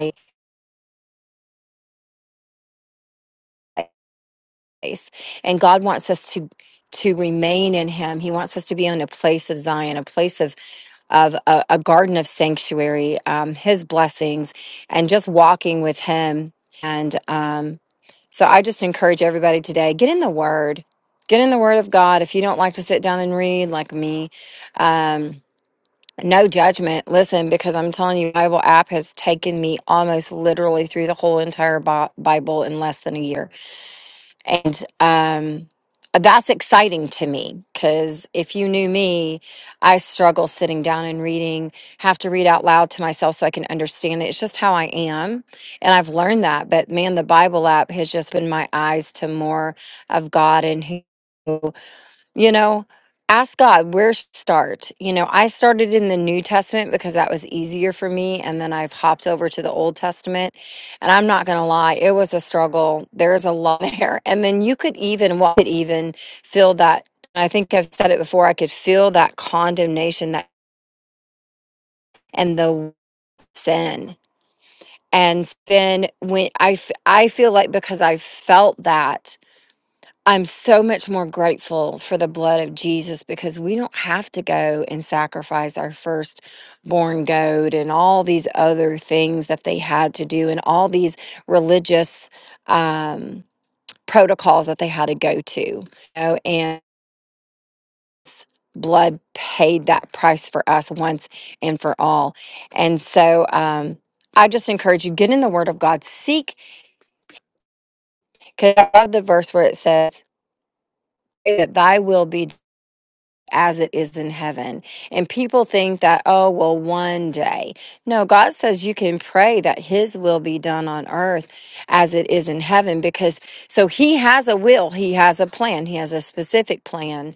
place. and God wants us to to remain in Him. He wants us to be in a place of Zion, a place of of a, a garden of sanctuary, um, His blessings, and just walking with Him. And um, So I just encourage everybody today get in the Word, get in the Word of God. If you don't like to sit down and read like me, um, no judgment. Listen, because I'm telling you, Bible app has taken me almost literally through the whole entire Bi- Bible in less than a year and um, that's exciting to me because if you knew me, I struggle sitting down and reading, have to read out loud to myself so I can understand it. It's just how I am. And I've learned that. But man, the Bible app has just been my eyes to more of God and who. You know, ask God where should I start. You know, I started in the New Testament because that was easier for me. And then I've hopped over to the Old Testament. And I'm not going to lie, it was a struggle. There's a lot there. And then you could even, what could even feel that. I think I've said it before, I could feel that condemnation that and the sin. And then when I, f- I feel like because I felt that I'm so much more grateful for the blood of Jesus because we don't have to go and sacrifice our firstborn goat and all these other things that they had to do and all these religious um, protocols that they had to go to. You know, and it's- blood paid that price for us once and for all. And so um, I just encourage you get in the Word of God, seek, because I love the verse where it says, that thy will be as it is in heaven. And people think that, oh, well, one day. No, God says you can pray that His will be done on earth as it is in heaven because so He has a will, He has a plan, He has a specific plan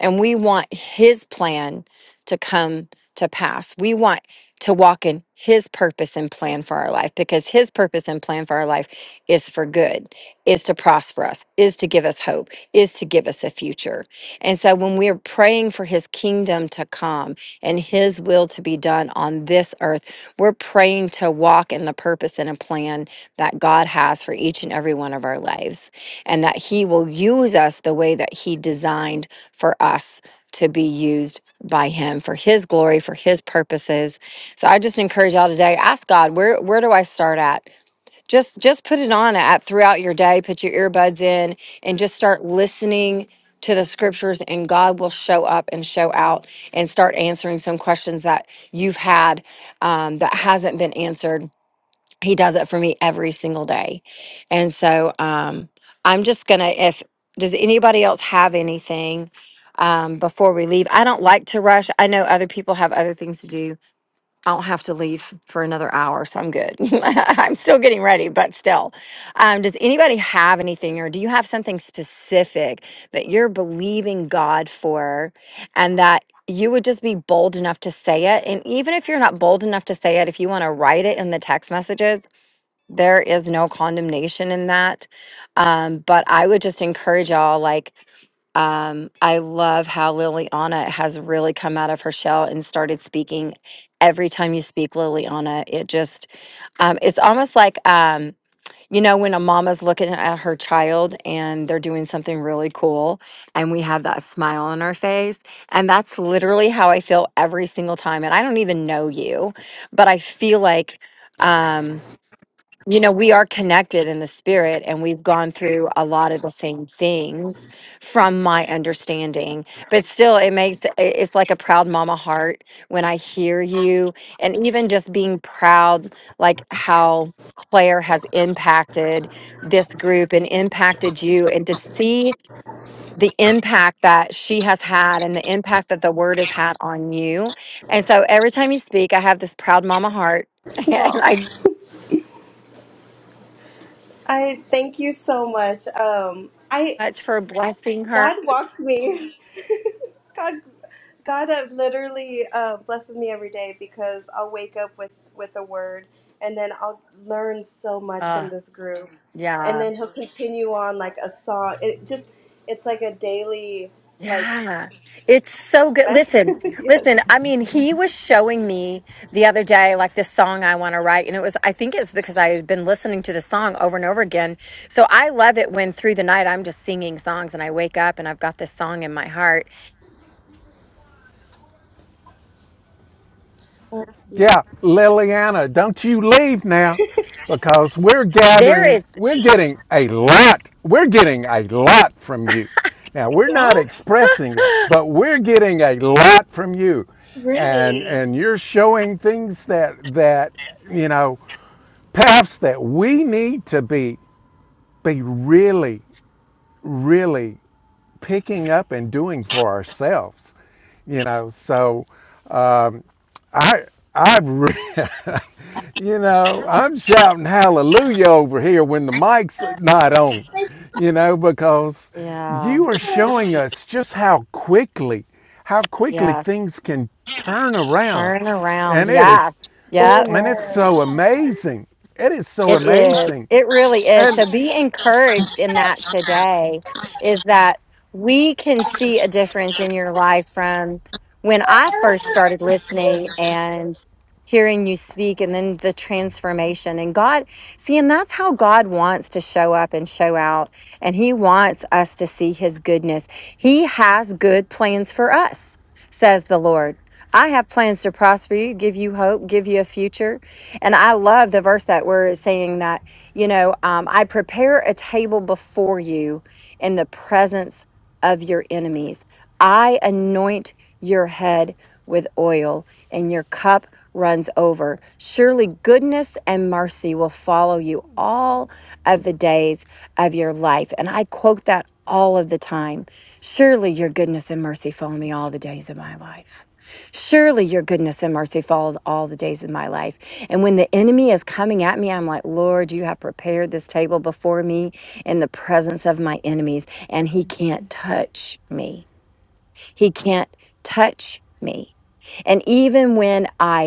and we want his plan to come to pass. We want to walk in his purpose and plan for our life because his purpose and plan for our life is for good, is to prosper us, is to give us hope, is to give us a future. And so when we're praying for his kingdom to come and his will to be done on this earth, we're praying to walk in the purpose and a plan that God has for each and every one of our lives and that he will use us the way that he designed for us to be used by him for his glory for his purposes so i just encourage y'all today ask god where where do i start at just just put it on at throughout your day put your earbuds in and just start listening to the scriptures and god will show up and show out and start answering some questions that you've had um, that hasn't been answered he does it for me every single day and so um i'm just gonna if does anybody else have anything um before we leave i don't like to rush i know other people have other things to do i don't have to leave for another hour so i'm good i'm still getting ready but still um does anybody have anything or do you have something specific that you're believing god for and that you would just be bold enough to say it and even if you're not bold enough to say it if you want to write it in the text messages there is no condemnation in that. Um, but I would just encourage y'all, like, um, I love how Liliana has really come out of her shell and started speaking. Every time you speak, Liliana, it just, um, it's almost like, um, you know, when a mama's looking at her child and they're doing something really cool, and we have that smile on our face. And that's literally how I feel every single time. And I don't even know you, but I feel like, um, you know, we are connected in the spirit and we've gone through a lot of the same things from my understanding. But still, it makes it- it's like a proud mama heart when I hear you. And even just being proud, like how Claire has impacted this group and impacted you, and to see the impact that she has had and the impact that the word has had on you. And so every time you speak, I have this proud mama heart. And
Wow.
I
I thank you so much. Um, I
much for blessing her
God walked me. God God uh, literally uh, blesses me every day because I'll wake up with with a word, and then I'll learn so much
Uh,
from this group, and
yeah,
then He'll continue on like a song. It just it's like a daily like
yeah. It's so good.
message.
Listen,
yes,
listen. I mean, he was showing me the other day, like this song I want to write. And it was, I think it's because I had been listening to the song over and over again. So I love it when through the night I'm just singing songs and I wake up and I've got this song in my heart. There is,
Really?
yeah, yes. Turn around. Yeah, yeah.
amen.
It is. It really is. So be encouraged in that today is that we can see a difference in your life from when I first started listening and hearing you speak and then the transformation and God see and that's how God wants to show up and show out and he wants us to see his goodness. He has good plans for us, says the Lord. I have plans to prosper you, give you hope, give you a future and I love the verse that where it's saying that, you know, um, I prepare a table before you in the presence of your enemies. I anoint your head with oil, and your cup runs over. Surely goodness and mercy will follow you all of the days of your life. And I quote that all of the time. Surely your goodness and mercy follow me all the days of my life. Surely your goodness and mercy followed all the days of my life. And when the enemy is coming at me, I'm like, Lord, you have prepared this table before me in the presence of my enemies, and he can't touch me. He can't touch me. And even when I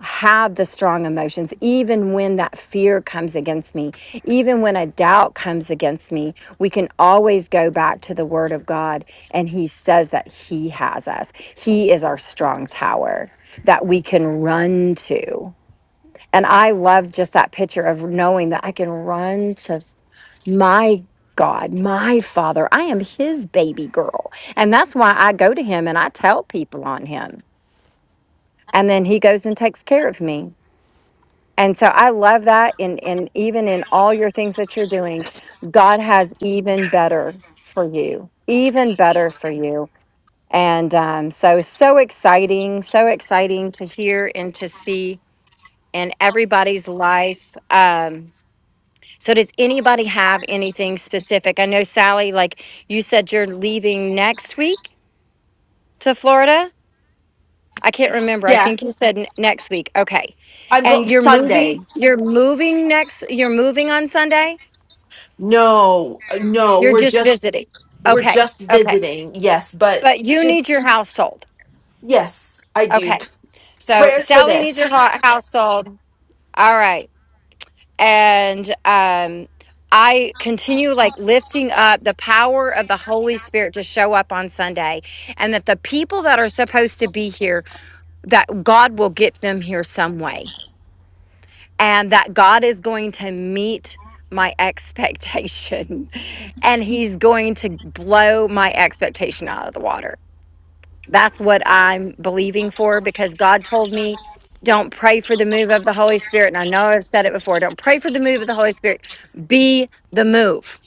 have the strong emotions, even when that fear comes against me, even when a doubt comes against me, we can always go back to the word of God. And he says that he has us, he is our strong tower that we can run to. And I love just that picture of knowing that I can run to my God, my father. I am his baby girl. And that's why I go to him and I tell people on him. And then he goes and takes care of me. And so I love that. And, and even in all your things that you're doing, God has even better for you, even better for you. And um, so, so exciting, so exciting to hear and to see in everybody's life. Um, so, does anybody have anything specific? I know, Sally, like you said, you're leaving next week to Florida. I can't remember. I think you
Yes,
said n- next week. Okay.
I'm
And
going
you're moving,
Sunday.
you're moving next, you're moving on Sunday?
No, no,
You're
we're
just
just
visiting.
we're
Okay.
just
Okay.
visiting. Yes, but
But you need
just
your house sold.
yes, I do.
Okay. So
Prayers for
Sally needs her
this.
ho- house sold. All right. And um I continue like lifting up the power of the Holy Spirit to show up on Sunday and that the people that are supposed to be here that God will get them here some way and that God is going to meet my expectation and he's going to blow my expectation out of the water. That's what I'm believing for because God told me don't pray for the move of the Holy Spirit. And I know I've said it before don't pray for the move of the Holy Spirit. Be the move.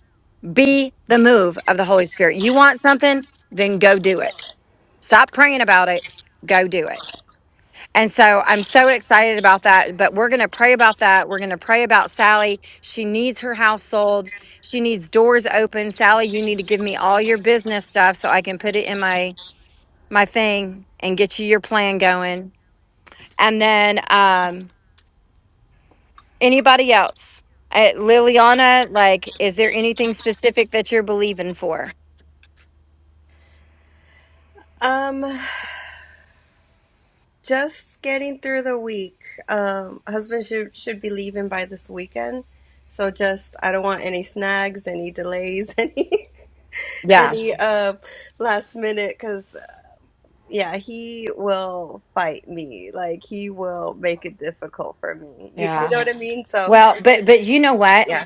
Be the move of the Holy Spirit. You want something, then go do it. Stop praying about it, go do it. And so I'm so excited about that. But we're going to pray about that. We're going to pray about Sally. She needs her house sold. She needs doors open. Sally, you need to give me all your business stuff so I can put it in my my thing and get you your plan going. And then um, anybody else, uh, Liliana, like, is there anything specific that you're believing for?
Um, just getting through the week. Um, husband should should be leaving by this weekend, so just I don't want any snags, any delays, any
Yeah,
any uh last minute. 'cause yeah, he will fight me. Like he will make it difficult for me. You you
yeah.
know what I mean? So
Well, but but you know what?
yeah,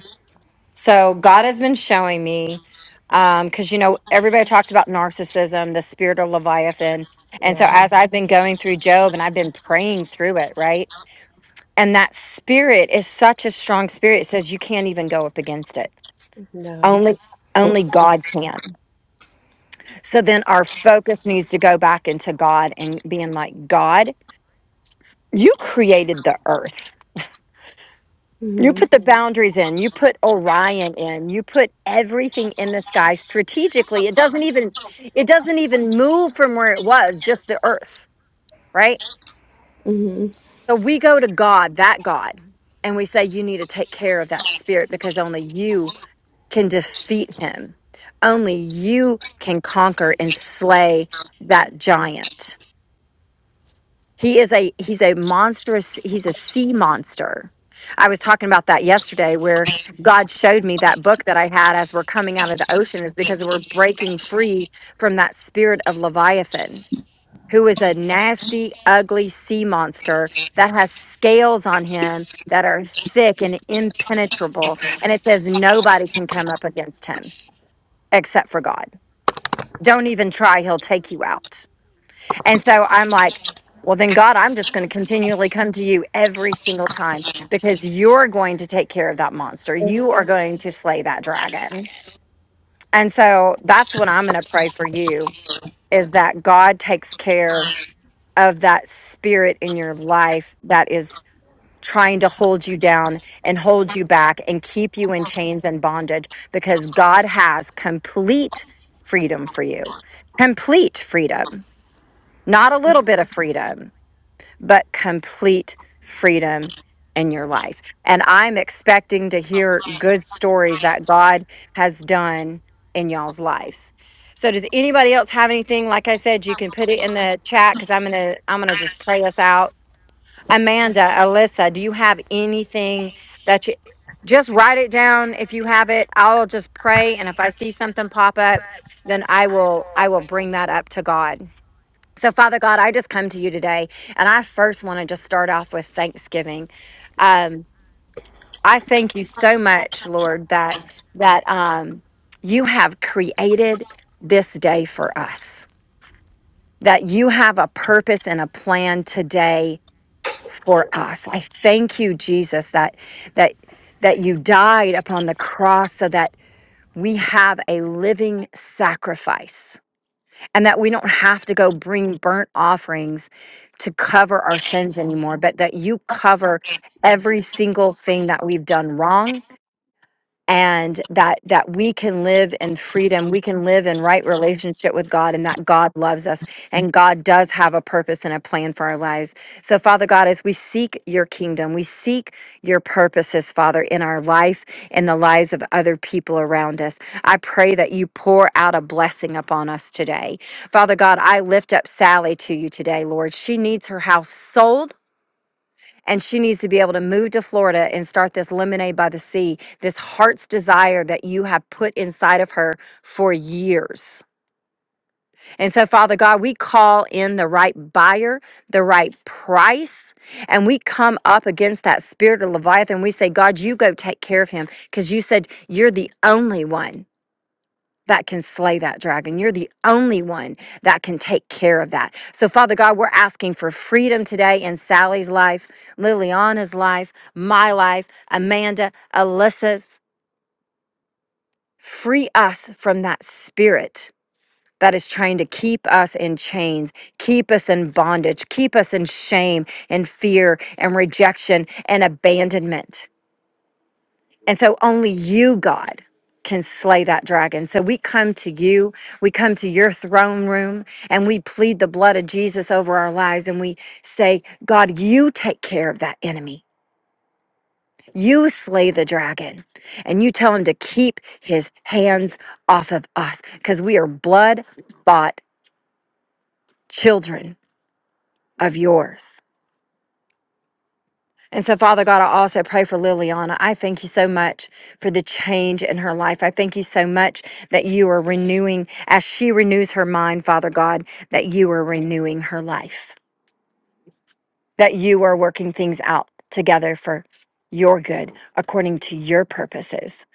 So God has been showing me, um, because you know everybody talks about narcissism, the spirit of Leviathan, and so
yeah,
as I've been going through Job and I've been praying through it, right? And that spirit is such a strong spirit; it says you can't even go up against it.
no.
Only, only God can. So then our focus needs to go back into God and being like, God, you created the earth You
hmm
put the boundaries in. You put Orion in. You put everything in the sky strategically. It doesn't even it doesn't even move from where it was, just the earth, right?
hmm
So we go to God, that God, and we say you need to take care of that spirit because only you can defeat him. Only you can conquer and slay that giant. He is a he's a monstrous he's a sea monster. I was talking about that yesterday where God showed me that book that I had as we're coming out of the ocean is because we're breaking free from that spirit of Leviathan, who is a nasty, ugly sea monster that has scales on him that are thick and impenetrable. And it says nobody can come up against him except for God. Don't even try, he'll take you out. And so I'm like, well, then, God, I'm just going to continually come to you every single time because you're going to take care of that monster. You are going to slay that dragon. And so that's what I'm going to pray for you is that God takes care of that spirit in your life that is trying to hold you down and hold you back and keep you in chains and bondage because God has complete freedom for you. Complete freedom, not a little bit of freedom but complete freedom in your life. And I'm expecting to hear good stories that God has done in y'all's lives. So does anybody else have anything? Like I said, you can put it in the chat because I'm gonna I'm gonna just pray us out. Amanda, Alyssa, do you have anything that you just write it down if you have it? I'll just pray and if I see something pop up, then I will I will bring that up to God. So, Father God, I just come to you today, and I first want to just start off with thanksgiving. Um, I thank you so much, Lord, that that um, you have created this day for us. That you have a purpose and a plan today for us. I thank you, Jesus, that that that you died upon the cross so that we have a living sacrifice and that we don't have to go bring burnt offerings to cover our sins anymore, but that you cover every single thing that we've done wrong and that that we can live in freedom we can live in right relationship with god and that god loves us and god does have a purpose and a plan for our lives so father god as we seek your kingdom we seek your purposes father in our life and the lives of other people around us i pray that you pour out a blessing upon us today father god i lift up sally to you today lord she needs her house sold and she needs to be able to move to Florida and start this lemonade by the sea, this heart's desire that you have put inside of her for years. And so, Father God, we call in the right buyer, the right price, and we come up against that spirit of Leviathan. We say, God, you go take care of him because you said you're the only one that can slay that dragon. You're the only one that can take care of that. So, Father God, we're asking for freedom today in Sally's life, Liliana's life, my life, Amanda, Alyssa's. Free us from that spirit that is trying to keep us in chains, keep us in bondage, keep us in shame and fear and rejection and abandonment. And so only you, God, can slay that dragon. So we come to you, we come to your throne room, and we plead the blood of Jesus over our lives. And we say, God, you take care of that enemy. You slay the dragon. And you tell him to keep his hands off of us because we are blood bought children of yours. And so, Father God, I also pray for Liliana. I thank you so much for the change in her life. I thank you so much that you are renewing, as she renews her mind, Father God, that you are renewing her life, that you are working things out together for your good, according to your purposes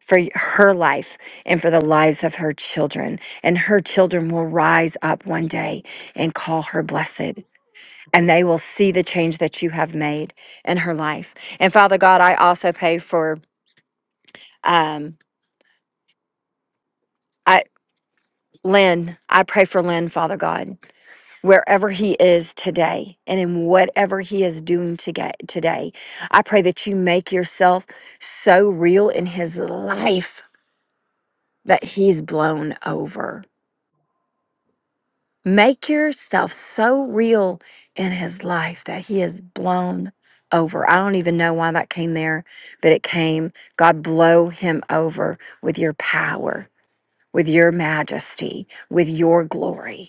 for her life and for the lives of her children. And her children will rise up one day and call her blessed and they will see the change that you have made in her life. And Father God, I also pray for um I Lynn, I pray for Lynn, Father God, wherever he is today and in whatever he is doing today, today. I pray that you make yourself so real in his life that he's blown over. Make yourself so real in his life that he is blown over. I don't even know why that came there, but it came. God, blow him over with your power, with your majesty, with your glory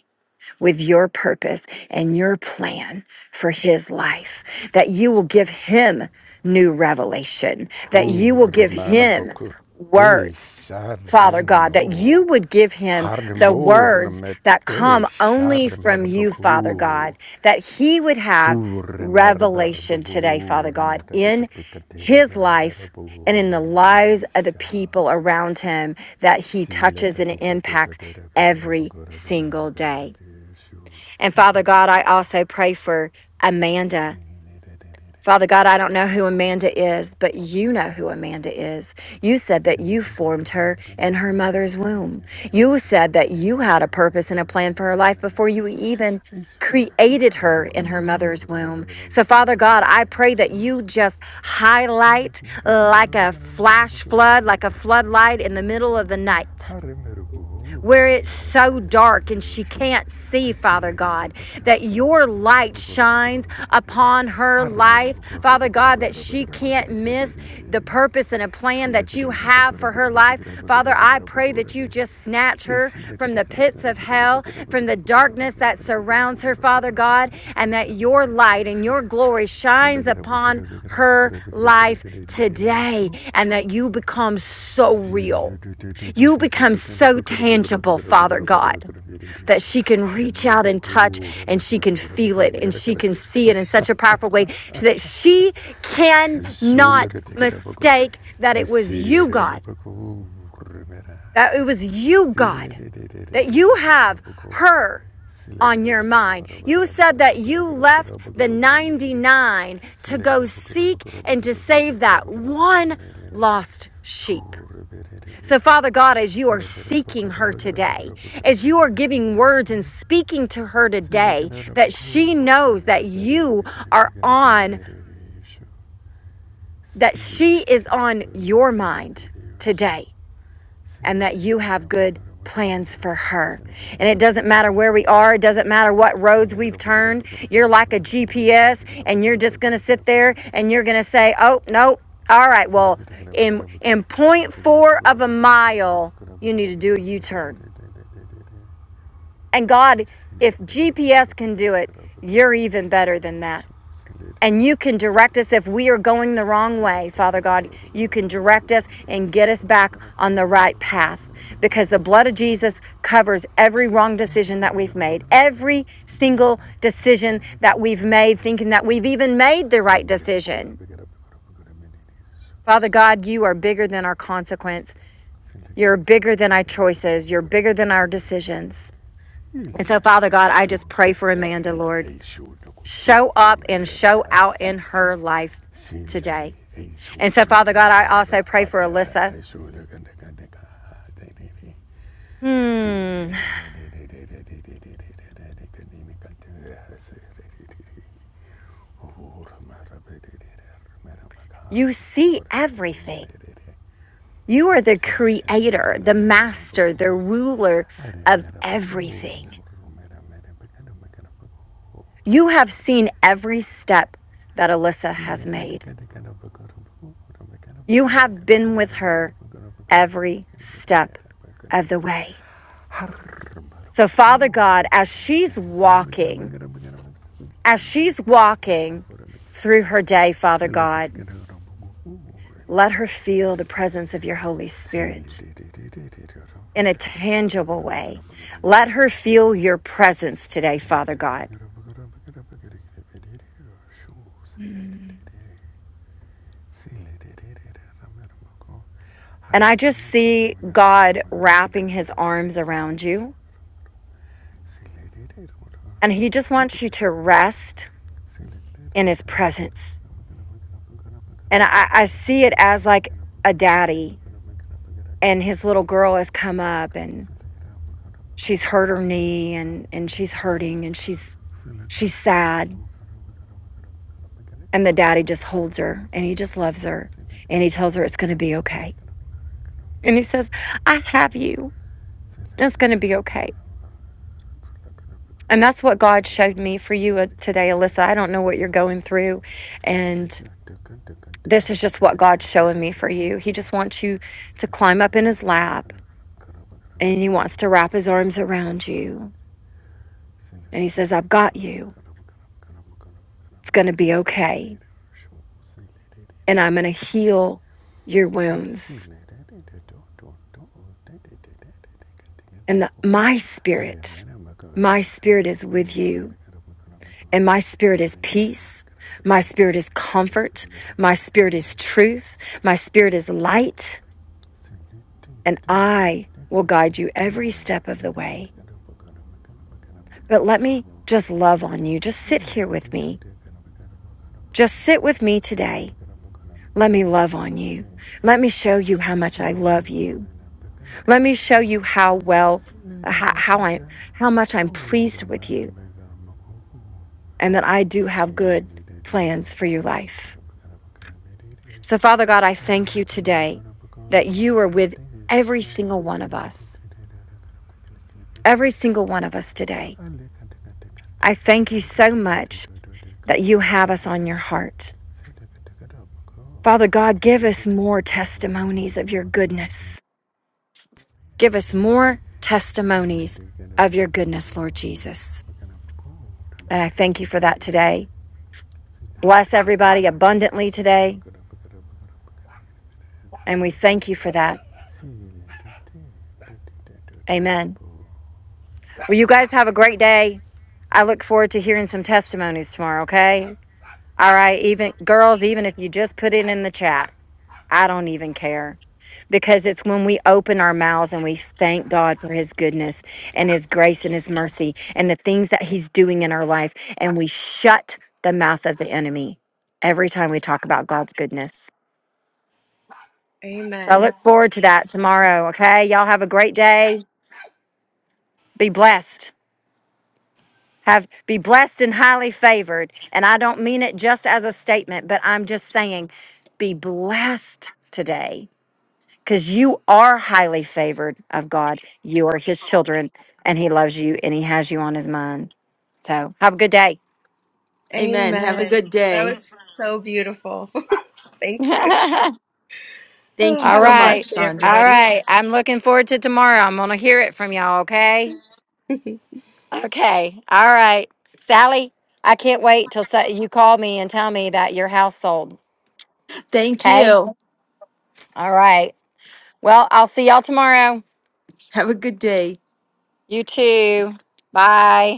with your purpose and your plan for his life, that you will give him new revelation, that you will give him words. Father God, that you would give him the words that come only from you, Father God, that he would have revelation today, Father God, in his life and in the lives of the people around him that he touches and impacts every single day. And Father God, I also pray for Amanda. Father God, I don't know who Amanda is, but you know who Amanda is. You said that you formed her in her mother's womb. You said that you had a purpose and a plan for her life before you even created her in her mother's womb. So, Father God, I pray that you just highlight like a flash flood, like a floodlight in the middle of the night where it's so dark and she can't see, Father God, that your light shines upon her life, Father God, that she can't miss the purpose and a plan that you have for her life. Father, I pray that you just snatch her from the pits of hell, from the darkness that surrounds her, Father God, and that your light and your glory shines upon her life today, and that you become so real. You become so tangible, Father God, that she can reach out and touch and she can feel it and she can see it in such a powerful way so that she cannot mistake that it was you, God, that it was you, God, that you have her on your mind. You said that you left the 99 to go seek and to save that one lost sheep. So, Father God, as you are seeking her today, as you are giving words and speaking to her today, that she knows that you are on, that she is on your mind today, and that you have good plans for her. And it doesn't matter where we are, it doesn't matter what roads we've turned. You're like a GPS, and you're just going to sit there and you're going to say, oh, no. All right, well, in in point four of a mile, you need to do a U-turn And God, if GPS can do it, you're even better than that. And you can direct us if we are going the wrong way, Father God. You can direct us and get us back on the right path because the blood of Jesus covers every wrong decision that we've made, every single decision that we've made, thinking that we've even made the right decision. Father God, you are bigger than our consequence. You're bigger than our choices. You're bigger than our decisions. And so, Father God, I just pray for Amanda, Lord. show up and show out in her life today. And so, Father God, I also pray for Alyssa. Hmm, you see everything. You are the creator, the master, the ruler of everything. You have seen every step that Alyssa has made. You have been with her every step of the way. So, Father God, as she's walking, as she's walking through her day, Father God, Let her feel the presence of your Holy Spirit in a tangible way. Let her feel your presence today, Father God. And I just see God wrapping his arms around you, and he just wants you to rest in his presence. And I, I see it as like a daddy, and his little girl has come up and she's hurt her knee and, and she's hurting and she's she's sad And the daddy just holds her and he just loves her and he tells her it's going to be okay. And he says, I have you. It's going to be okay. And that's what God showed me for you uh, today, Alyssa. I don't know what you're going through. And this is just what God's showing me for you. He just wants you to climb up in his lap and he wants to wrap his arms around you. And he says, I've got you. It's going to be okay. And I'm going to heal your wounds. And the, my spirit, my spirit is with you And my spirit is peace. My spirit is comfort. My spirit is truth. My spirit is light. And I will guide you every step of the way. But let me just love on you. Just sit here with me. Just sit with me today. Let me love on you. Let me show you how much I love you. Let me show you how well, how, how I, how much I'm pleased with you and that I do have good plans for your life. So, Father God, I thank you today that you are with every single one of us, every single one of us today. I thank you so much that you have us on your heart. Father God, give us more testimonies of your goodness. Give us more testimonies of your goodness, Lord Jesus. And I thank you for that today. Bless everybody abundantly today. And we thank you for that. Amen. Well, you guys have a great day. I look forward to hearing some testimonies tomorrow, okay? All right, even girls, even if you just put it in the chat, I don't even care. Because it's when we open our mouths and we thank God for his goodness and his grace and his mercy and the things that he's doing in our life, and we shut the mouth of the enemy every time we talk about God's goodness. So I
Amen.
look forward to that tomorrow. Okay. Y'all have a great day. Be blessed. Have be blessed and highly favored. And I don't mean it just as a statement, but I'm just saying be blessed today because you are highly favored of God. You are His children, and He loves you, and He has you on His mind. So have a good day.
Amen. Have a
Amen.
good
That
day.
was so beautiful. Thank you.
All
Oh,
Thank you
have
so
a
much,
blessed
right.
day,
Sandra.
All
everybody.
right. I'm looking forward to tomorrow. I'm going to hear it from y'all. Okay. Okay. All right. Sally, I can't wait till sa- you call me and tell me that your house sold.
Thank
Okay.
you.
All right. Well, I'll see y'all tomorrow.
Have a good day.
You too. Bye.